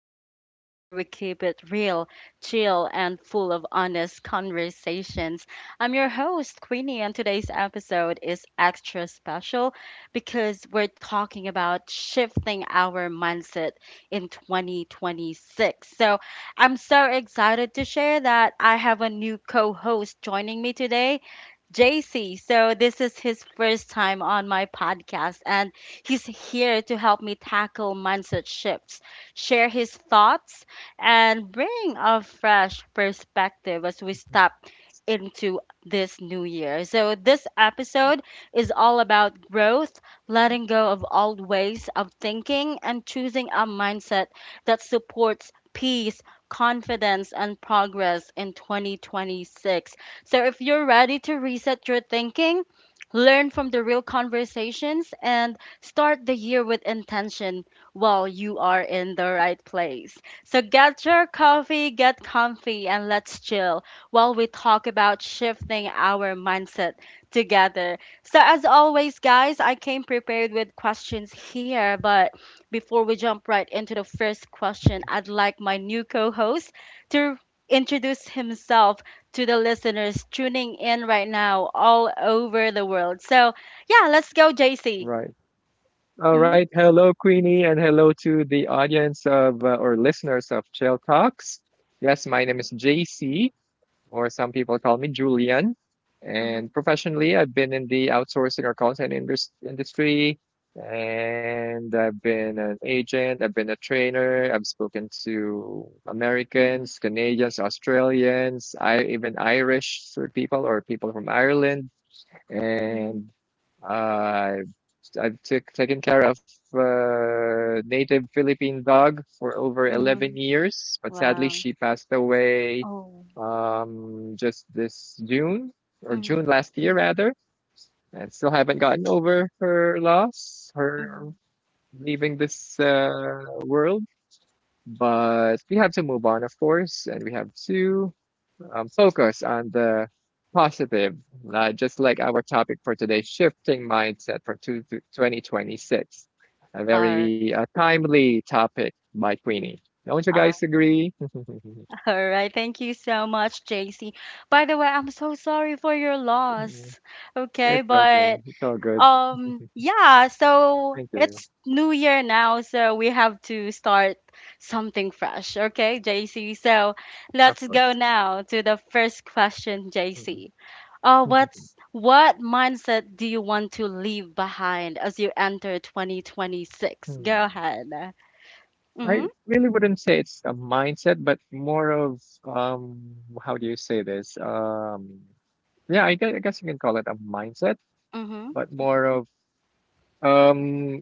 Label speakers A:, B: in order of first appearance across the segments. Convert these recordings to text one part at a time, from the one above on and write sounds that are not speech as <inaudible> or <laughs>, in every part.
A: podcast where we keep it real, chill, and full of honest conversations. I'm your host, Queenie, and today's episode is extra special because we're talking about shifting our mindset in 2026. So I'm so excited to share that I have a new co host joining me today, JC. So this is his first time on my podcast, and he's here to help me tackle mindset shifts, share his thoughts, and bring a fresh perspective as we step into this new year. So this episode is all about growth, letting go of old ways of thinking, and choosing a mindset that supports peace, confidence, and progress in 2026. So if you're ready to reset your thinking, learn from the real conversations, and start the year with intention, while you are in the right place. So get your coffee, get comfy, and let's chill while we talk about shifting our mindset together. So, as always, guys, I came prepared with questions here, but before we jump right into the first question, I'd like my new co host to introduce himself to the listeners tuning in right now all over the world. So, yeah, let's go, JC.
B: Right. All right. Hello, Queenie, and hello to the audience of or listeners of Chill Talks. Yes, my name is JC, or some people call me Julian.
A: Mhm,
B: And professionally, I've been in the outsourcing or content industry, and I've been an agent, I've been a trainer, I've spoken to Americans, Canadians, Australians, I even Irish people or people from Ireland,
A: mhm,
B: and. I've taken care of a native Philippine dog for over 11
A: mhm.
B: years, but sadly
A: Wow.
B: she passed away
A: Oh.
B: just this June
A: Mhm,
B: last year rather. I still haven't gotten over her loss, her
A: mhm.
B: leaving this world. But we have to move on, of course, and we have to focus on the positive, just like our topic for today, shifting mindset for 2026. A
A: Ar-
B: very timely topic by
A: mm,
B: Queenie. Don't you guys
A: <laughs>
B: agree? <laughs>
A: All right. Thank you so much, JC. By the way, I'm so sorry for your loss. Okay,
B: It's okay.
A: but
B: It's all good.
A: yeah, so
B: Thank you.
A: it's new year now, so we have to start something fresh. Okay, JC, so
B: Of
A: let's go
B: course.
A: now to the first question,
B: Mm.
A: JC. uh,
B: <laughs>
A: what's what mindset do you want to leave behind as you enter 2026? Go
B: Mm.
A: ahead.
B: I
A: Mm-hmm.
B: really wouldn't say it's a mindset, but more of um, how do you say this? Yeah, I guess you can call it a mindset,
A: Mm-hmm.
B: but more of Um,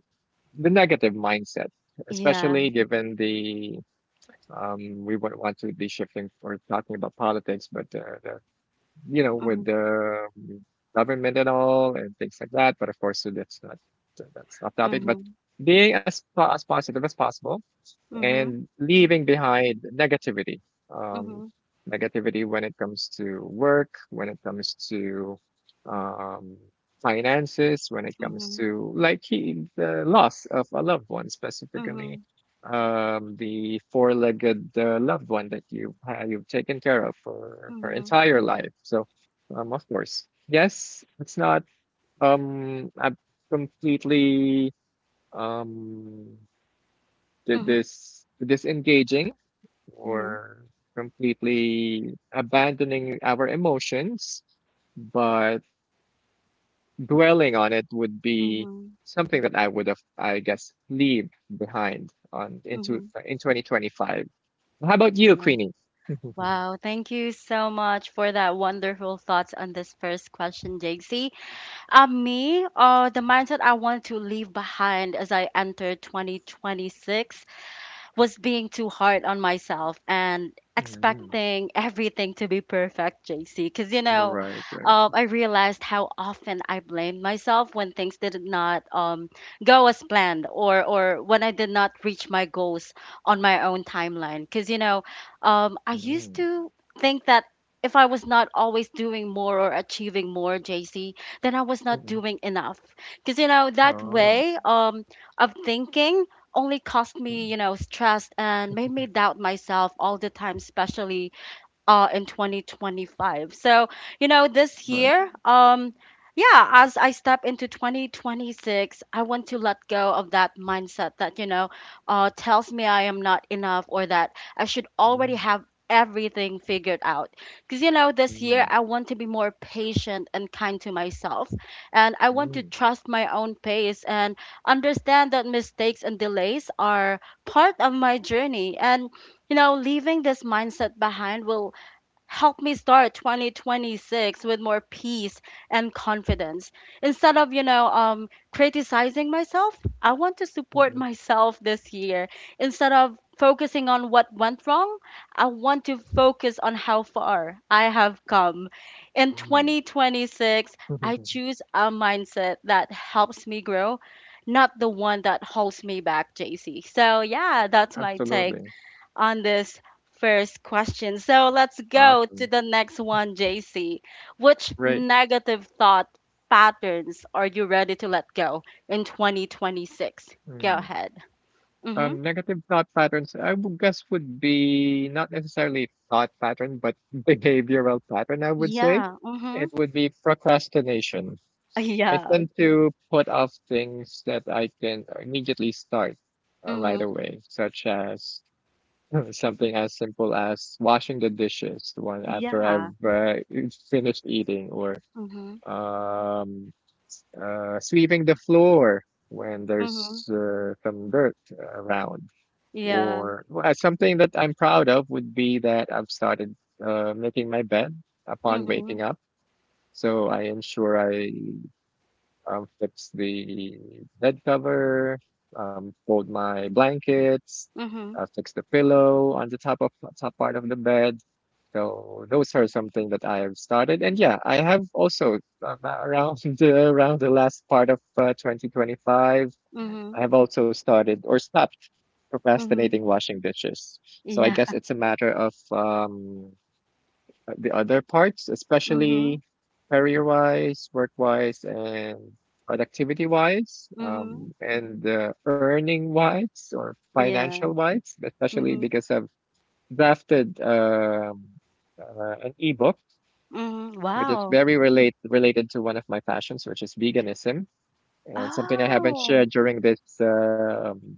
B: the negative mindset,
A: Yeah.
B: especially given the we wouldn't want to be shifting or talking about politics, but with
A: Mm-hmm.
B: the government and all and things like that. But of course, so that's not so that's off topic. But
A: Mm-hmm.
B: being as as positive as possible, and leaving behind negativity. Um,
A: Mm-hmm.
B: Negativity when it comes to work, when it comes to um, finances, when it comes
A: Mm-hmm.
B: to the loss of a loved one, specifically
A: Mm-hmm.
B: the four-legged loved one that you've taken care of for
A: Mm-hmm.
B: entire life. So, of course, yes, it's not a completely um
A: Mm-hmm.
B: this disengaging
A: Yeah.
B: or completely abandoning our emotions, but dwelling on it would be
A: Mm-hmm.
B: something that I would have, I guess, leave behind on into
A: Mm-hmm.
B: in 2025. How about you, Queenie? <laughs> Mm.
A: Wow, thank you so much for that wonderful thoughts on this first question, JC. The mindset I want to leave behind as I enter 2026 was being too hard on myself and expecting everything to be perfect, JC. Because,
B: Right, right.
A: I realized how often I blamed myself when things did not go as planned, or when I did not reach my goals on my own timeline. Because, I used
B: Mm-hmm.
A: to think that if I was not always doing more or achieving more, JC, then I was not
B: Mm-hmm.
A: doing enough. Because, you know, that
B: Oh.
A: way of thinking only caused me,
B: Mm-hmm.
A: you know, stress, and made me doubt myself all the time, especially in 2025. So, you know, this
B: Right.
A: year, yeah, as I step into 2026, I want to let go of that mindset that, you know, tells me I am not enough, or that I should already
B: Mm-hmm.
A: have everything figured out. Because, you know, this year I want to be more patient and kind to myself. And I want to
B: Mm-hmm.
A: trust my own pace and understand that mistakes and delays are part of my journey. And, you know, leaving this mindset behind will help me start 2026 with more peace and confidence. Instead of, criticizing myself, I want to support myself this year. Instead of focusing on what went wrong, I want to focus on how far I have come. In 2026, I
B: Mm-hmm. <laughs>
A: choose a mindset that helps me grow, not the one that holds me back, JC. So, yeah, that's my take
B: Absolutely.
A: on this first question. So let's go to
B: Awesome.
A: the next one, JC. Which
B: Great.
A: negative thought patterns are you ready to let go in 2026? Go
B: Mm.
A: ahead. Mm-hmm.
B: Negative thought patterns, I would guess would be not necessarily thought pattern, but <laughs> behavioral pattern, I would say.
A: Yeah. Mm-hmm.
B: It
A: <laughs>
B: would be procrastination. I
A: Yeah.
B: tend to put off things that I can immediately start right
A: Mm-hmm.
B: away, such as <clears throat> <laughs> something as simple as washing the dishes one after
A: Yeah.
B: I've finished eating, or
A: Mm-hmm.
B: um, sweeping the floor when
A: Mm-hmm.
B: there's some dirt around.
A: Yeah.
B: Or well, something that I'm proud of would be that I've started making my bed upon
A: Mm-hmm.
B: waking up. So I ensure I fix the bed cover, fold my blankets,
A: Mm-hmm.
B: fix the pillow on the top part of the bed. So those are something that I have started, and yeah, I have also around <laughs> around the last part of 2025.
A: Mm-hmm.
B: I have also started or stopped
A: Mm-hmm.
B: procrastinating washing dishes. So I
A: Yeah.
B: guess it's a matter of the other parts,
A: Mm-hmm.
B: especially career wise, work wise, and productivity wise,
A: Mm-hmm.
B: and earning wise or financial
A: Yeah.
B: wise, especially
A: Mm-hmm.
B: because I've drafted an ebook.
A: Mm-hmm.
B: Which is
A: Wow.
B: very related to one of my passions, which is veganism, and something I haven't
A: Oh.
B: shared during this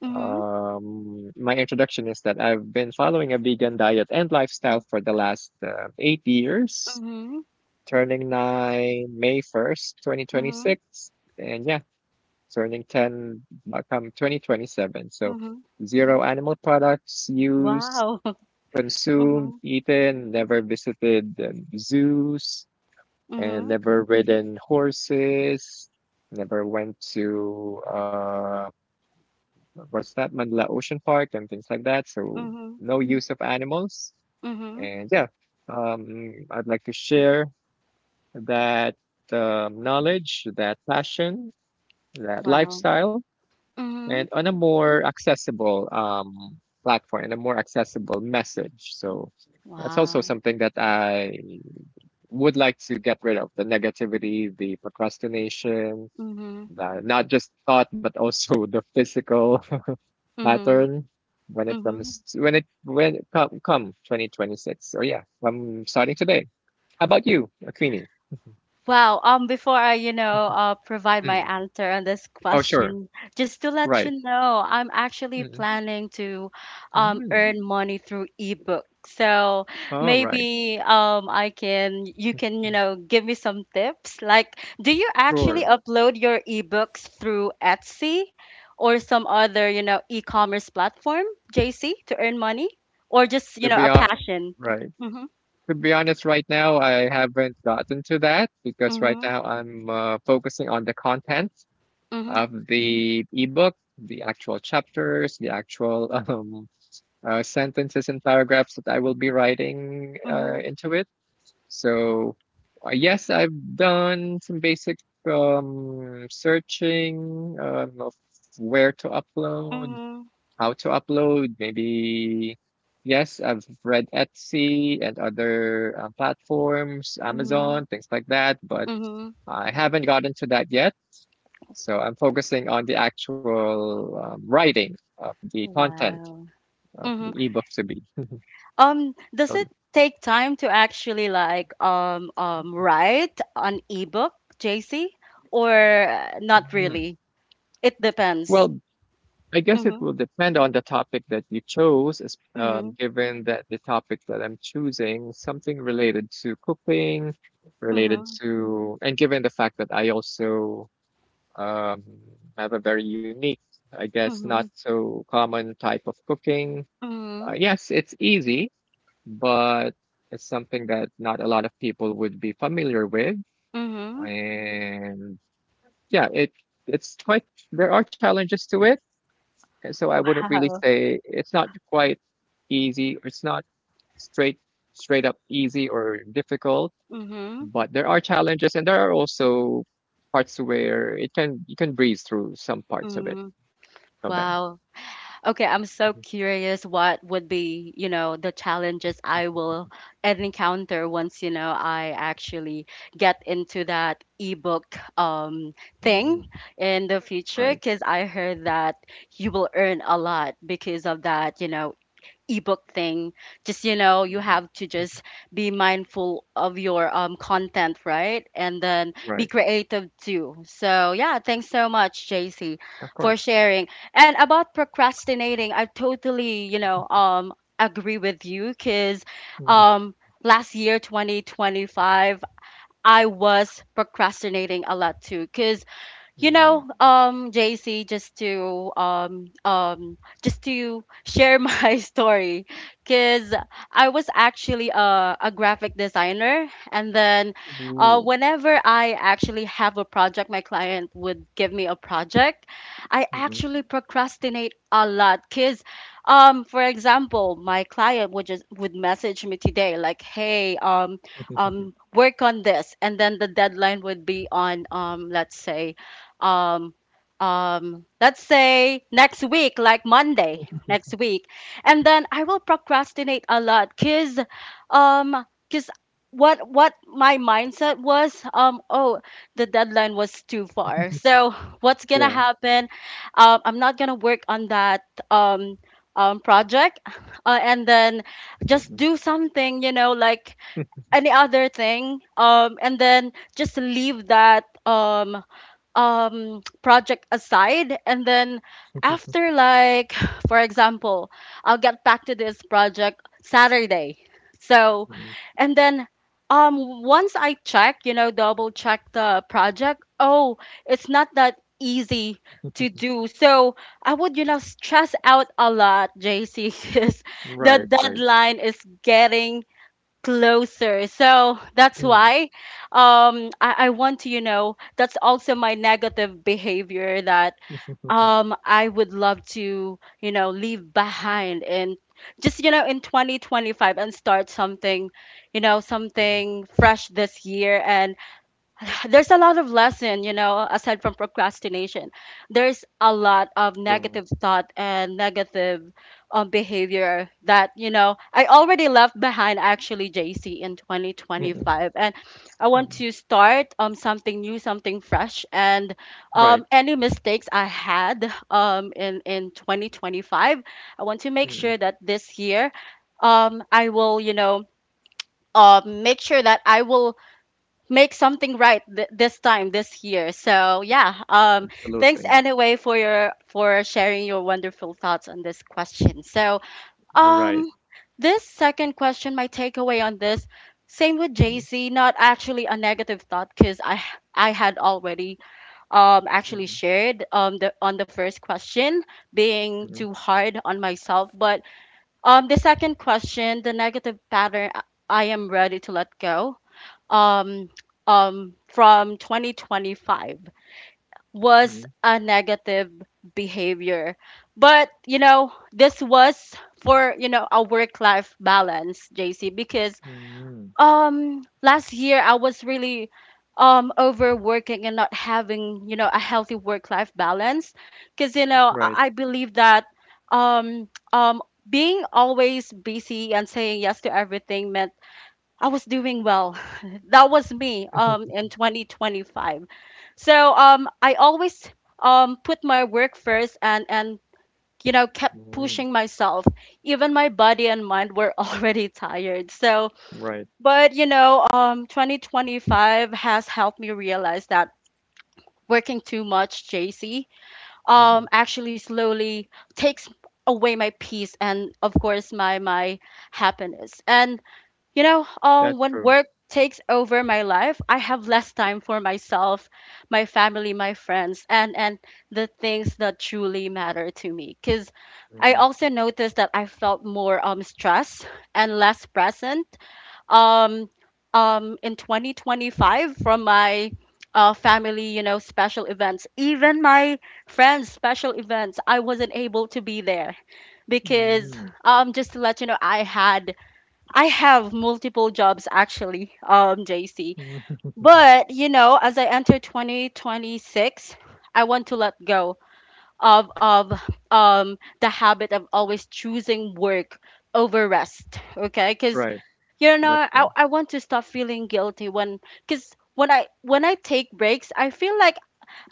A: Mm-hmm.
B: My introduction is that I've been following a vegan diet and lifestyle for the last 8 years,
A: Mm-hmm.
B: turning nine May 1st,
A: Mm-hmm.
B: 2026. And yeah, turning 10 come 2027. So
A: Mm-hmm.
B: zero animal products used,
A: Wow. <laughs>
B: consumed,
A: Mhm,
B: eaten, never visited zoos, and
A: mhm,
B: never ridden horses, never went to what's that Manila Ocean Park and things like that. So
A: mhm,
B: no use of animals.
A: mhm.
B: And yeah, I'd like to share that knowledge, that passion, that
A: Wow.
B: lifestyle, and
A: Mhm.
B: on a more accessible platform and a more accessible message. So that's also
A: Wow.
B: something that I would like to get rid of the negativity, the procrastination,
A: Mhm,
B: the not just thought, but also <laughs> the physical
A: mhm,
B: pattern when it
A: mhm.
B: comes to, when it come 2026. Or yeah, I'm starting today. How about you, Queenie?
A: Wow. Before I, you know, provide my
B: Mm.
A: answer on this
B: Oh, sure.
A: question, just to let
B: Right.
A: you know, I'm actually
B: Mm.
A: planning to,
B: Mm.
A: earn money through ebook. So
B: All right.
A: maybe, you can, you know, give me some tips. Like, do you actually
B: Sure.
A: upload your ebooks through Etsy or some other, you know, e-commerce platform, JC, to earn money, or just, you
B: to
A: know,
B: be
A: a
B: on
A: passion?
B: Right.
A: Mm-hmm.
B: To be honest, right now I haven't gotten to that because right
A: Mm-hmm.
B: now I'm focusing on the content
A: Mm-hmm.
B: of the ebook, the actual chapters, the actual <laughs> sentences and paragraphs that I will be writing
A: Mm-hmm.
B: into it. So, yes, I've done some basic searching of where to upload,
A: Mm-hmm.
B: how to upload. Maybe, yes, I've read Etsy and other platforms,
A: Mm-hmm.
B: Amazon, things like that, but
A: Mhm.
B: I haven't gotten to that yet. So, I'm focusing on the actual writing of the content
A: Wow.
B: of
A: Mhm.
B: the ebook to be. <laughs>
A: Does it
B: Loaded.
A: take time to actually like write an ebook, JC, or not
B: Mhm.
A: really? It depends.
B: Well, I guess it will
A: Mhm.
B: depend on the topic that you chose,
A: Mhm.
B: given that the topic that I'm choosing, something related to cooking,
A: Mhm.
B: and given the fact that I also um, have a very unique, I guess, not
A: Mhm.
B: so common type of cooking.
A: Mhm.
B: Yes, it's easy, but it's something that not a lot of people would be familiar with.
A: Mhm.
B: And yeah, it's quite, there are challenges to it and so I wouldn't really
A: Wow.
B: say it's not quite easy or it's not straight straight up easy or difficult,
A: Mhm.
B: but there are challenges and there are also parts where it can you can breeze through some parts
A: Mhm.
B: of them.
A: Wow. Okay, I'm so
B: Mhm,
A: curious what would be, you know, the challenges I will encounter once, you know, I actually get into that ebook um
B: mhm,
A: thing
B: mhm.
A: in the future,
B: Right.
A: because I heard that you will earn a lot because of that, you know, ebook thing. Just, you know, you
B: Mhm.
A: have to just be mindful of your content, right? And then be
B: Right.
A: creative too. So yeah, thanks so much, JC,
B: Of
A: for
B: course.
A: sharing. And about procrastinating, I totally, you know, agree with you, cuz
B: Mhm,
A: um last year, 2025, I was procrastinating a lot too. Cuz you
B: mhm.
A: know, JC, just to share my <laughs> story, because I was actually a graphic designer, and then
B: Ooh.
A: whenever I actually have a project, my client would give me a project, I
B: Mhm.
A: actually procrastinate a lot. Because for example, my client would just would message me today like, hey, work on this, and then the deadline would be on, let's say, um let's say, next week, like Monday next
B: <laughs>
A: week. And then I will procrastinate a lot, because um because what my mindset was, oh, the deadline was too far, so what's gonna
B: Yeah.
A: happen? I'm not gonna work on that um project, and then just
B: Mhm.
A: do something, you know, like any other thing, and then just leave that <tsk> project aside, and then after, like, <sighs> for example, I'll get back to this project Saturday. So
B: Mhm.
A: and then once I check, you know, double check the project, oh, it's not that easy to do. So I would, you know, stress out a lot, JC <laughs> because the
B: Right, right.
A: deadline is getting closer. So that's
B: Mhm.
A: why I want to, you know, that's also my negative behavior that
B: <laughs>
A: I would love to, you know, leave behind and just, you know, in 2025, and start something, you know,
B: Mhm.
A: something fresh this year. And <sighs> there's a lot of lesson, you know, aside from procrastination, there's a lot of
B: True.
A: negative thought and negative behavior that, you know, I already left behind actually, JC, in
B: Mhm.
A: 2025. And I want
B: Mhm.
A: to start something new, something fresh. And
B: Right.
A: any mistakes I had in 2025, I want to make
B: Mm,
A: sure that this year, I will, you know, make sure that I will make something right this time this year. So yeah, thanks
B: absolutely.
A: anyway for your, for sharing your wonderful thoughts on this question. So
B: Right.
A: um, this second question, my takeaway on this, same with
B: Mhm,
A: JC, not actually a negative thought because I had already actually
B: mhm,
A: shared the on the first question being
B: mhm,
A: too hard on myself. But the second question, the negative pattern, I am ready to let go um, from 2025 was a negative behavior. But, you know, this was for, you know, a work life balance, JC, because
B: mhm, mhm.
A: last year I was really overworking and not having, you know, a healthy work life balance. Because, you know,
B: Right.
A: I believe that um, um, being always busy and saying yes to everything meant I was doing well. <laughs> That was me in
B: <laughs>
A: 2025. So I always put my work first, and you know, kept
B: Mhm.
A: pushing myself. Even my body and mind were <laughs> already tired. So,
B: Right.
A: but, you know, 2025 has helped me realize that working too much, JC,
B: Mhm.
A: actually slowly takes away my peace, and, of course, my happiness. And you know,
B: That's
A: when
B: true.
A: work takes over my life, I have less time for myself, my family, my friends, and the things that truly matter to me. Cause I
B: Mhm,
A: also noticed that I felt more stressed and less present um in 2025 from my family, you know, special events, even my friends' special events, I wasn't able to be there. Because
B: mhm.
A: just to let you know, I have multiple jobs actually, JC.
B: <laughs>
A: But you know, as I enter 2026, I want to let go of the habit of always choosing work over rest. Okay, because,
B: Right.
A: you know,
B: That's
A: I
B: true.
A: I want to stop feeling guilty, when because when I take breaks, I feel like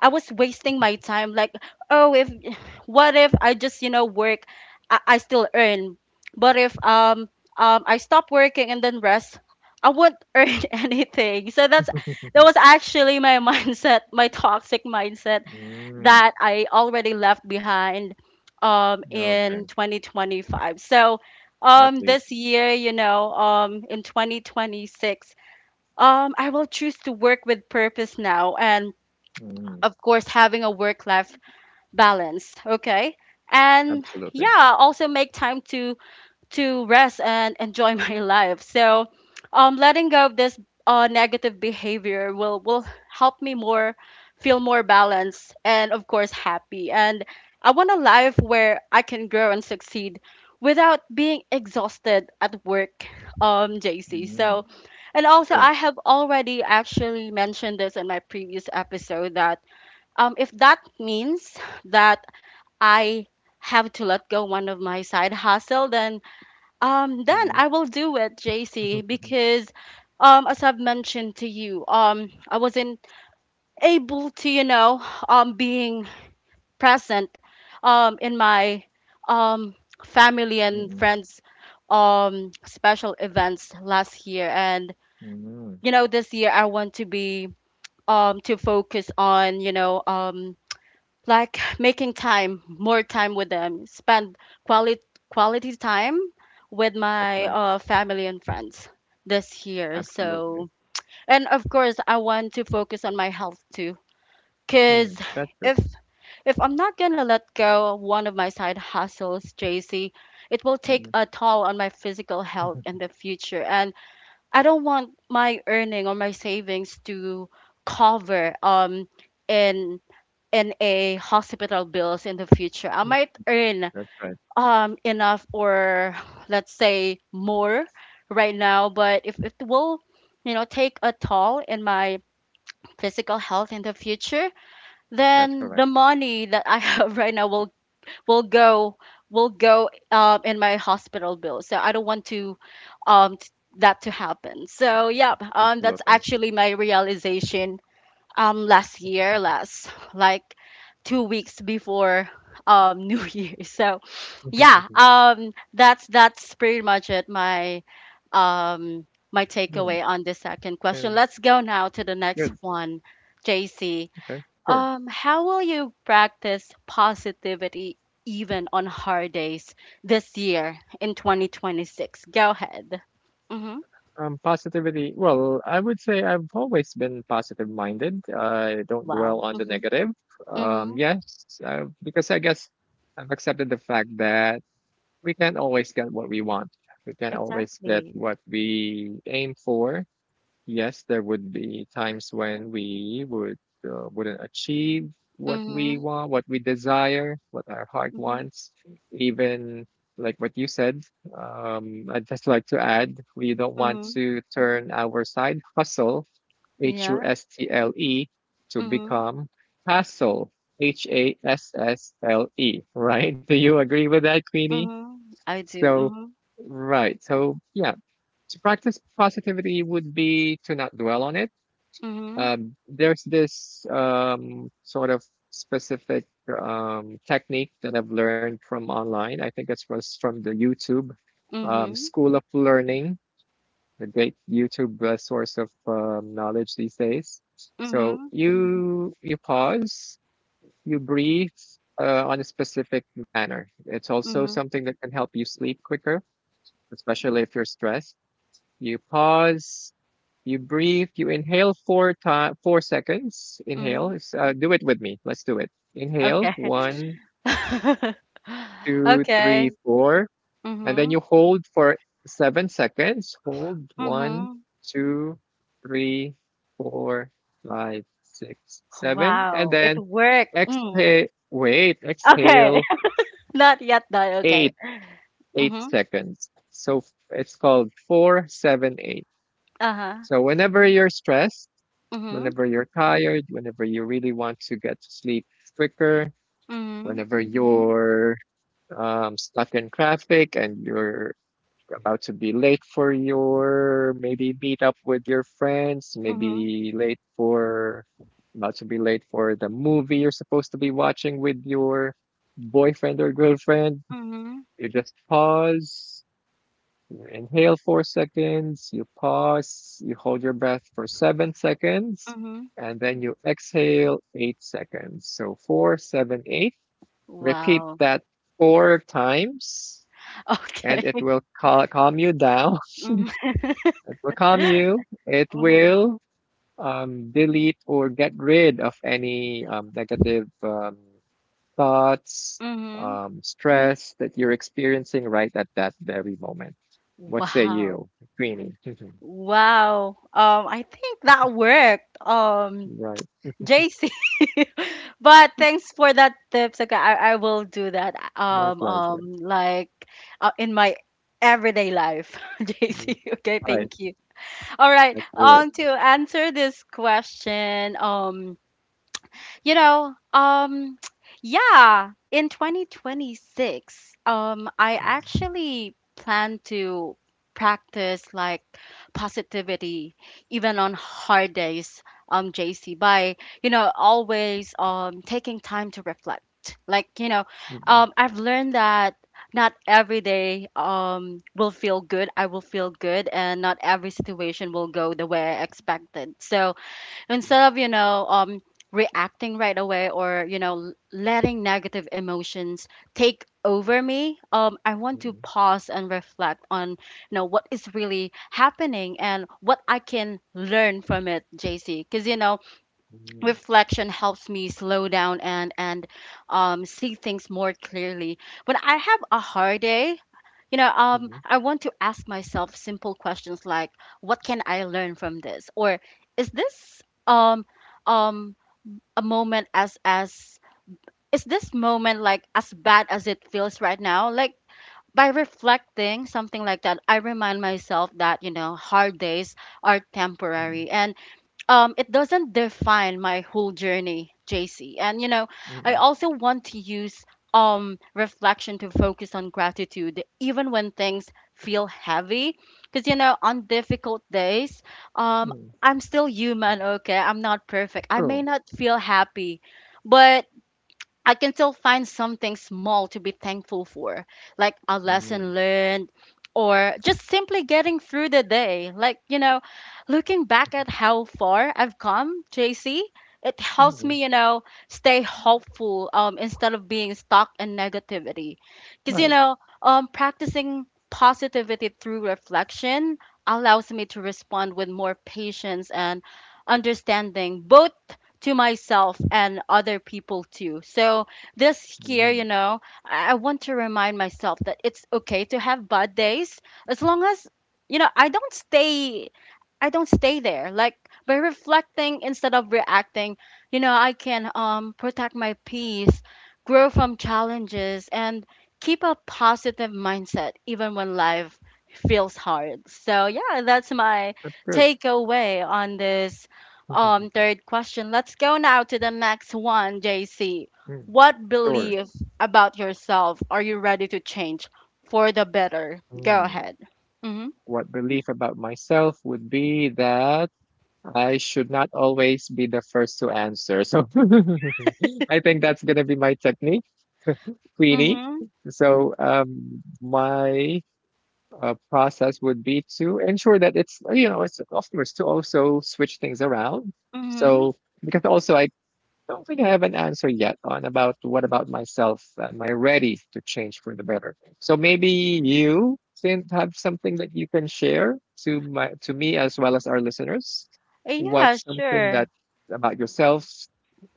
A: I was wasting my time. Like, oh, if, <sighs> what if I just, you know, work, I still earn. But if I stop working and then rest, I won't <laughs> earn anything. So that's, that
B: <laughs>
A: was actually my <laughs> mindset, my toxic mindset
B: Mm,
A: that I already left behind
B: yeah,
A: in
B: okay.
A: 2025. So
B: At
A: um
B: least.
A: this year, in 2026, I will choose to work with purpose now and
B: Mm,
A: of course, having a work life balance. Okay. And
B: absolutely.
A: yeah, also make time to rest and enjoy <laughs> my life. So, letting go of this negative behavior will help me more feel more balanced and of course happy. And I want a life where I can grow and succeed without being exhausted at work, JC.
B: Mm,
A: So, and also
B: true.
A: I have already actually mentioned this in my previous episode that if that means that I have to let go one of my side hustle, then
B: Mm,
A: I will do it, JC,
B: <laughs>
A: because as I've mentioned to you, I wasn't able to, being present in my um, family and
B: mm,
A: friends special events last year, and
B: mm.
A: you know, this year I want to be to focus on, like making time more time with them spend quality quality time with
B: That's
A: my
B: right.
A: family and friends this year. So
B: Absolutely.
A: and of course I want to focus on my health too because
B: Mm, that's good.
A: if I'm not gonna let go of one of my side hustles, JC, it will take
B: Mm,
A: a toll on my physical health in
B: <laughs>
A: the future. And I don't want my earning or my savings to cover in in a hospital bills in the future. I might earn
B: that's right.
A: enough or let's say more right now, but if it will, you know, take a toll in my physical health in the future,
B: That's
A: then
B: correct.
A: the money that I have <laughs> right now will go will go in my hospital bill. So I don't want to um t- that to happen. So yeah, that's
B: Absolutely.
A: actually my realization last year,
B: <laughs>
A: last like 2 weeks before <laughs> new year. So yeah
B: Mm,
A: um that's pretty much it, my um my takeaway on the second question.
B: and
A: Let's go now to the next
B: good.
A: one, JC.
B: Okay, sure.
A: Um, how will you practice positivity even on hard days this year in 2026? Go ahead. Mm-hmm.
B: Positivity. Well, I would say I've always been positive minded. I don't dwell
A: Wow.
B: on the
A: Mm-hmm.
B: negative.
A: Mm-hmm.
B: Yes, because I guess I've accepted the fact that we can't always get what we want. We can't always get
A: Exactly.
B: what we aim for. Yes, there would be times when we wouldn't achieve what
A: Mm-hmm.
B: we want, what we desire, what our heart wants. Even like what you said, I'd just like to add, we don't want
A: Mm-hmm.
B: to turn our side hustle, H U
A: Yeah.
B: S T L E, to
A: Mhm.
B: become hassle, H A S S L E, <laughs> right? Do you agree with that, Queenie?
A: Mhm. I do.
B: So,
A: Mhm.
B: right. So, yeah, to practice positivity would be to not dwell on it.
A: Mhm.
B: There's this sort of specific technique that I've learned from online. I think it was from the YouTube
A: Mhm.
B: School of Learning, the great YouTube source of knowledge these days. So
A: Mhm.
B: you pause, you breathe on a specific manner. It's also
A: Mhm.
B: something that can help you sleep quicker, especially if you're stressed. You pause, you breathe, you inhale 4 seconds. Inhale.
A: Mhm.
B: It's, do it with me. Let's do it.
A: Okay.
B: Inhale, one,
A: <laughs>
B: two, three,
A: Okay.
B: four. And then
A: Mhm.
B: you hold for 7 seconds. Hold one,
A: Mhm.
B: two, three, four, five, six, seven. And
A: Wow, it
B: then
A: worked. Mm. Okay.
B: exhale,
A: <laughs> Not yet done.
B: eight,
A: Okay.
B: eight
A: Mhm.
B: seconds. So it's called 4, 7, 8.
A: Uh-huh.
B: So whenever you're stressed,
A: Mhm.
B: whenever you're tired, whenever you really want to get to sleep quicker,
A: Mhm.
B: whenever you're stuck in traffic and you're about to be late for your maybe meet up with your friends,
A: Mhm.
B: maybe late for about to be late for the movie you're supposed to be watching with your boyfriend or girlfriend.
A: Mhm.
B: You just pause, you inhale 4 seconds, you pause, you hold your breath for 7 seconds,
A: Mhm.
B: and then you exhale 8 seconds. So 4, 7, 8. Repeat
A: Wow.
B: that 4 times,
A: <laughs>
B: and
A: Okay.
B: it will calm you down. <laughs>
A: Mhm.
B: It will calm you.
A: <laughs>
B: It
A: Mhm.
B: will delete or get rid of any negative thoughts,
A: Mhm.
B: stress that you're experiencing right at that very moment. What say
A: Wow.
B: you, Queenie? <laughs>
A: Wow. I think that worked.
B: Right.
A: JC. <laughs> But thanks for that tips. Okay, I will do that.
B: My pleasure.
A: Like in my everyday life, <laughs>
B: Mm.
A: JC. Okay,
B: All right.
A: thank you. All right.
B: Let's do it.
A: To answer this question, you know, um, <tsk> yeah, in 2026, I
B: Mm,
A: actually plan to practice like positivity even on hard days, JC, by, you know, always taking time to reflect. Like,
B: mm,
A: I've learned that not every day will feel good. I will feel good, and not every situation will go the way I expected. So,
B: mm,
A: instead of reacting right away or you know, letting negative emotions take over me, I want to
B: mm,
A: pause and reflect on, you know, what is really happening and what I can learn from it, JC. Because, you know,
B: mm,
A: reflection helps me slow down and see things more clearly when I have a hard day.
B: mm,
A: I want to ask myself simple questions like, what can I learn from this? Or is this um um a moment as is this moment like as bad as it feels right now? Like by reflecting something like that, I remind myself that, you know, hard days are
B: mm,
A: temporary and it doesn't define my whole journey, JC. And you know, I
B: mm,
A: also want to use reflection to focus on gratitude even when things feel heavy because, you know, on difficult days um
B: mm.
A: I'm still human. Okay, I'm not perfect. I may
B: Cool.
A: not feel happy, but I can still find something small to be thankful for, like a
B: Mm,
A: lesson learned or just simply getting through the day. Like, you know, looking back at how far I've come, JC, it helps
B: mm,
A: me, you know, stay hopeful instead of being stuck in negativity. Because,
B: right.
A: practicing positivity through reflection allows me to respond with more patience and understanding, both to myself and other people too. So this year, you
B: Mm.
A: know, I want to remind myself that it's okay to have bad days as long as, you know, I don't stay there. Like by reflecting instead of reacting, you know, I can protect my peace, grow from challenges and keep a positive mindset even when life feels hard. So yeah, that's my
B: That's good.
A: takeaway on this
B: <laughs>
A: third question. Let's go now to the next one, JC.
B: Mm.
A: What
B: Sure.
A: belief about yourself are you ready to change for the better? Go
B: Mm.
A: ahead. Mhm.
B: What belief about myself would be that I should not always be the first to answer. So <laughs> I think that's going to be my technique, Queenie.
A: Mhm.
B: So my process would be to ensure that it's you know it's of course to also switch things around,
A: Mhm.
B: so because also I don't think I have an answer yet on about what about myself am I ready to change for the better. So maybe you can have something that you can share to my to me as well as our listeners.
A: Eh, yeah,
B: What's something
A: sure.
B: that about yourself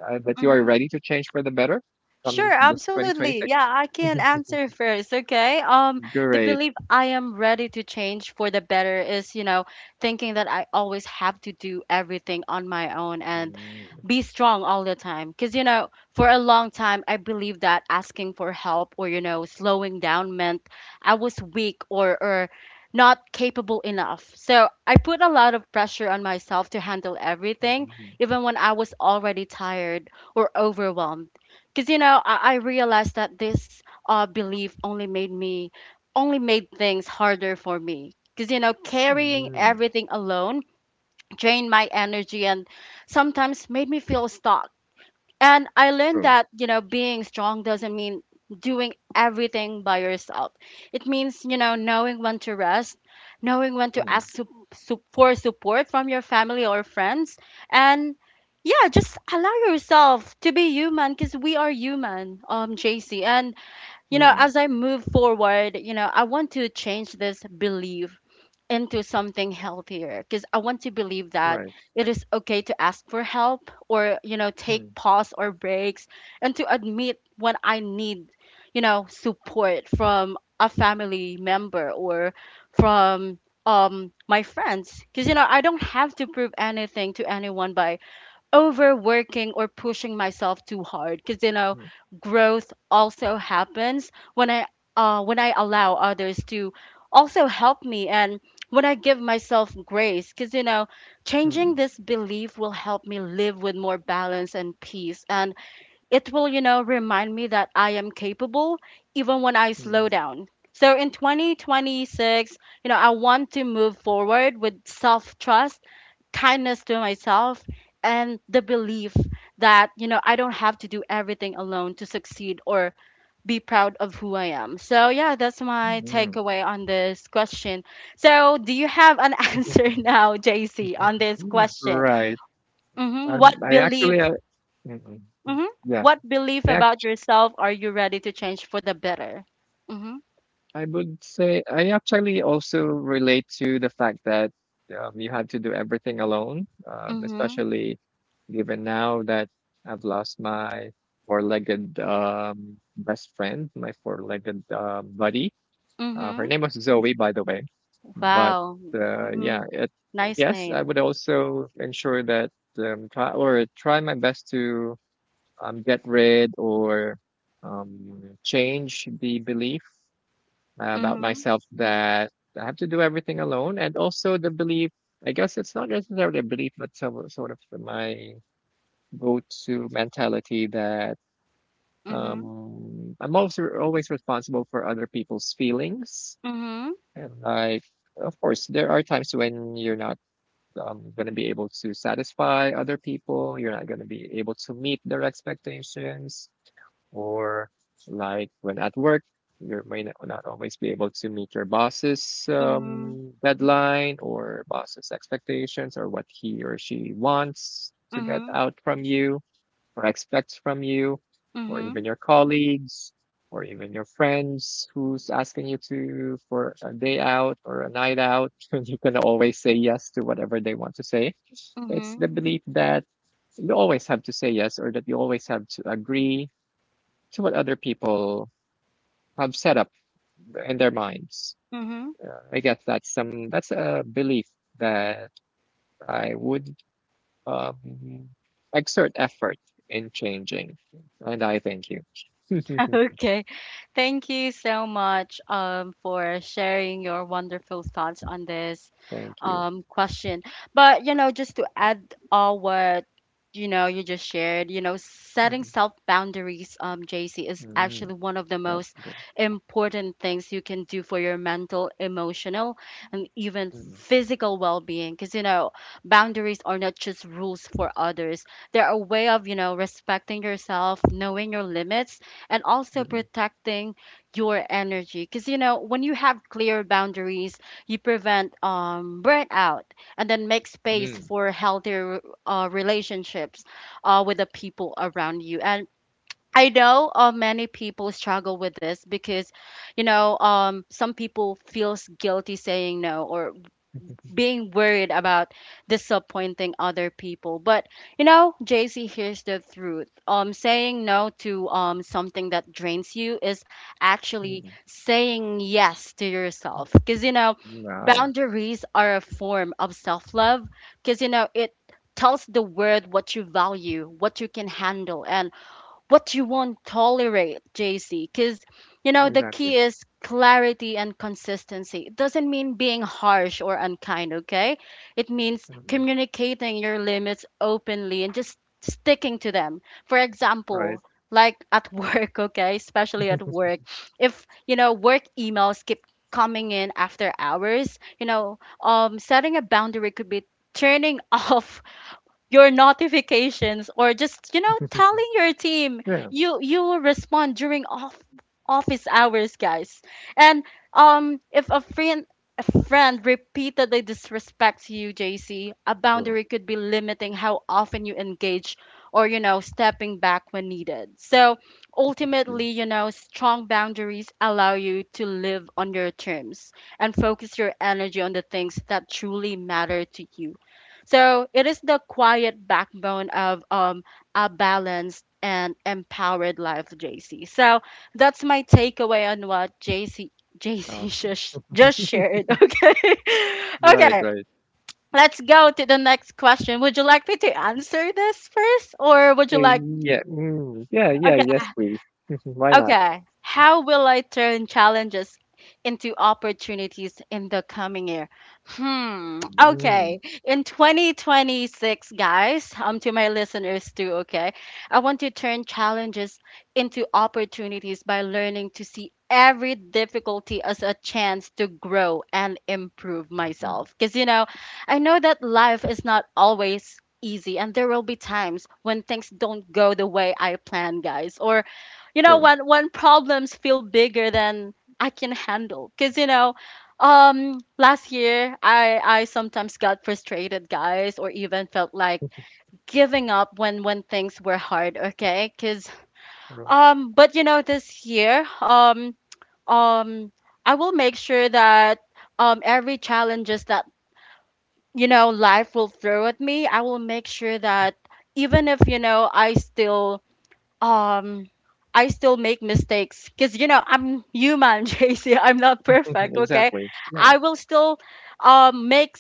B: that you are
A: Mhm.
B: ready to change for the better from
A: Sure,
B: this
A: absolutely.
B: 2026?
A: Yeah, I
B: <laughs>
A: can answer first, okay? The
B: Great.
A: belief I am ready to change for the better is, you know, thinking that I always have to do everything on my own and
B: Mm,
A: be strong all the time. Because, you know, for a long time, I believed that asking for help or, you know, slowing down meant I was weak or not capable enough. So I put a lot of pressure on myself to handle everything,
B: mhm,
A: even when I was already tired or overwhelmed. Because you know I realized that this belief only made me only made things harder for me because, you know, carrying
B: mm.
A: everything alone drained my energy and sometimes made me feel stuck. And I learned
B: True.
A: that, you know, being strong doesn't mean doing everything by yourself. It means, you know, knowing when to rest, knowing when to
B: Mm,
A: ask sup- sup- for support from your family or friends. And yeah, just allow yourself to be human because we are human, JC. And, you know,
B: mm,
A: as I move forward, you know, I want to change this belief into something healthier because I want to believe that
B: right.
A: it is okay to ask for help or, you know, take
B: Mm,
A: pause or breaks and to admit when I need, you know, support from a family member or from my friends. Because you know I don't have to prove anything to anyone by overworking or pushing myself too hard. Because, you know,
B: mm,
A: growth also happens when I when I allow others to also help me and when I give myself grace. Because, you know, changing
B: mm,
A: this belief will help me live with more balance and peace, and it will, you know, remind me that I am capable even when I
B: mm,
A: slow down. So in 2026, you know, I want to move forward with self trust, kindness to myself, and the belief that, you know, I don't have to do everything alone to succeed or be proud of who I am. So, yeah, that's my
B: mm.
A: takeaway on this question. So, do you have an <laughs> answer now, JC, on this
B: <laughs>
A: question?
B: Right.
A: Hmm. What
B: Um, I
A: belief?
B: actually, uh, mm, mm, mm.
A: Mm-hmm.
B: Yeah,
A: What belief
B: I
A: about
B: act-
A: yourself are you ready to change for the better? Mm-hmm.
B: I would say I actually also relate to the fact that you had to do everything alone,
A: Mm-hmm.
B: especially even now that I've lost my four-legged best friend, my four-legged buddy.
A: Mm-hmm.
B: Her name was Zoe, by the way. But
A: Wow. Mm-hmm.
B: yeah,
A: Nice
B: yes, I
A: name.
B: would also ensure that, try my best to, get rid or change the belief about
A: Mm-hmm.
B: myself that I have to do everything alone, and also the belief. I guess it's not necessarily a belief, but sort of my go-to mentality that,
A: Mm-hmm.
B: I'm also always responsible for other people's feelings.
A: Mm-hmm.
B: And like, of course, there are times when you're not going to be able to satisfy other people. You're not going to be able to meet their expectations, or like when at work, you may not always be able to meet your boss's
A: Mm-hmm.
B: deadline or boss's expectations or what he or she wants to get
A: Mm-hmm.
B: out from you or expects from you, or even
A: Mm-hmm.
B: your colleagues, or even your friends who's asking you to for a day out or a night out, <laughs> and you can always say yes to whatever they want to say. It's the belief that you always have to say yes or that you always have to agree to what other people have set up in their minds.
A: Mm-hmm.
B: I guess that's a belief that I would, um, exert effort in changing. And I thank you. <laughs>
A: <laughs> Okay. Thank you so much for sharing your wonderful thoughts on this
B: Thank you.
A: question. But, you know, just to add all what, you know, you just shared, you know, setting
B: Mm.
A: self boundaries, JC, is
B: Mm,
A: actually one of the
B: that's
A: most
B: good.
A: important things you can do for your mental, emotional, and even
B: Mm.
A: physical well being. Because, you know, boundaries are not just rules for others, they're a way of, you know, respecting yourself, knowing your limits and also
B: Mm.
A: protecting your energy. Because you know when you have clear boundaries you prevent burnout and then make space
B: Mm.
A: for healthier relationships with the people around you. And I know many people struggle with this because, some people feels guilty saying no, or being worried about disappointing other people. But you know, JC, here's the truth. Saying no to something that drains you is actually
B: Mm.
A: saying yes to yourself. Cause you know,
B: Wow.
A: boundaries are a form of self love. Cause you know it tells the world what you value, what you can handle, and what you won't tolerate, JC. Because, you know, the
B: Exactly.
A: key is clarity and consistency. It doesn't mean being harsh or unkind, okay? It means
B: Mm.
A: communicating your limits openly and just sticking to them. For
B: Right.
A: example, like at <laughs> work, okay? Especially at
B: <laughs>
A: work. If, work emails keep coming in after hours, setting a boundary could be turning <laughs> off your notifications, or just telling your team
B: Yeah.
A: you will respond during off office hours, guys. And if a friend repeatedly disrespects you, JC, a
B: Cool.
A: boundary could be limiting how often you engage, or stepping back when needed. So
B: That's really
A: ultimately, strong boundaries allow you to live on your terms and focus your energy on the things that truly matter to you. So it is the quiet backbone of a balanced and empowered life, JC. So that's my takeaway on what J C, <laughs>
B: awesome.
A: just shared. <laughs> Okay,
B: Right.
A: okay.
B: Right.
A: Let's go to the next question. Would you like me to answer this first, or would you
B: Eh,
A: like?
B: Yeah. Mm. Yeah. Yeah.
A: Okay,
B: Yes, please. <laughs> Why not?
A: okay. How will I turn challenges into opportunities in the coming year? Hmm.
B: Mm.
A: Okay. In 2026, guys, to my listeners too, okay, I want to turn challenges into opportunities by learning to see every difficulty as a chance to grow and improve
B: Mm.
A: myself. Because, I know that life is not always easy, and there will be times when things don't go the way I plan, guys, or
B: True.
A: when problems feel bigger than I can handle. Because last year, I sometimes got frustrated, guys, or even felt like giving up when things were hard, okay. because
B: True.
A: um but you know this year, um I will make sure that every challenges that life will throw at me, I will make sure that even if um I still make mistakes because I'm human, <laughs> JC. I'm not
B: <laughs>
A: perfect, okay?
B: Exactly. Yeah.
A: I will still make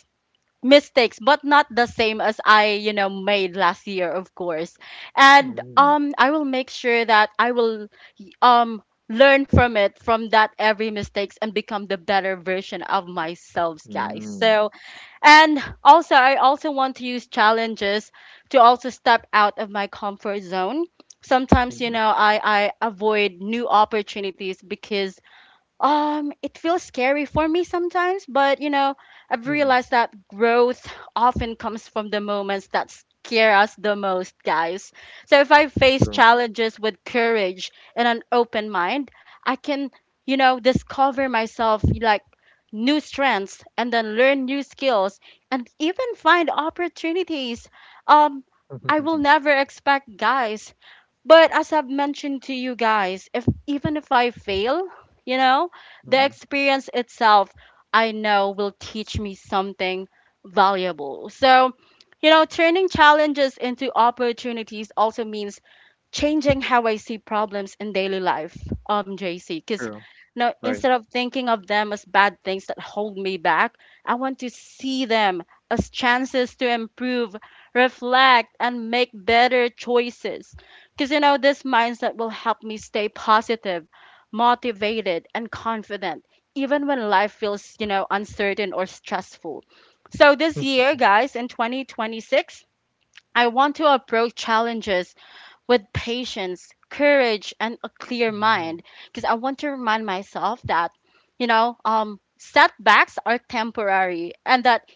A: mistakes, but not the same as I made last year, of course. And
B: Mm.
A: I will make sure that I will um learn from it, from that every mistakes, and become the better version of myself, guys,
B: Mm.
A: so and also, I also want to use challenges to also step out of my comfort zone. Sometimes,
B: Mm.
A: I avoid new opportunities because it feels scary for me sometimes. But I've
B: Mm.
A: realized that growth often comes from the moments that scare us the most, guys. So if I face
B: True.
A: challenges with courage and an open mind, I can, discover myself, like new strengths, and then learn new skills, and even find opportunities um I will
B: <laughs>
A: never expect, guys. But as I've mentioned to you guys, if even if I fail, you know, the
B: Mm-mm.
A: experience itself, I know, will teach me something valuable. So, turning challenges into opportunities also means changing how I see problems in daily life, JC. Because
B: True.
A: now,
B: Right.
A: instead
B: <laughs>
A: of thinking of them as bad things that hold me back, I want to see them as chances to improve, reflect, and make better choices. Because this mindset will help me stay positive, motivated, and confident, even when life feels, uncertain or stressful. So this year, guys, in 2026, I want to approach challenges with patience, courage, and a clear mind.
B: Mhm.
A: Because I want to remind myself that, setbacks are temporary and that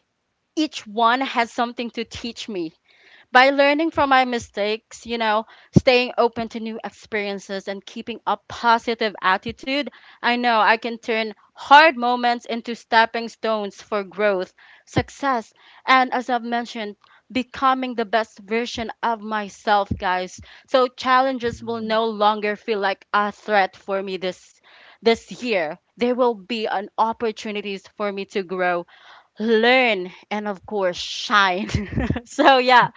A: each one has something to teach me. By learning from my mistakes, staying open to new experiences, and keeping a positive attitude, I know I can turn hard moments into stepping stones for growth, success, and, as I've mentioned, becoming the best version of myself, guys. So challenges will
B: Mhm.
A: no longer feel like a threat for me this year. There will be an opportunities for me to grow, learn, and, of course, shine. <laughs> so yeah,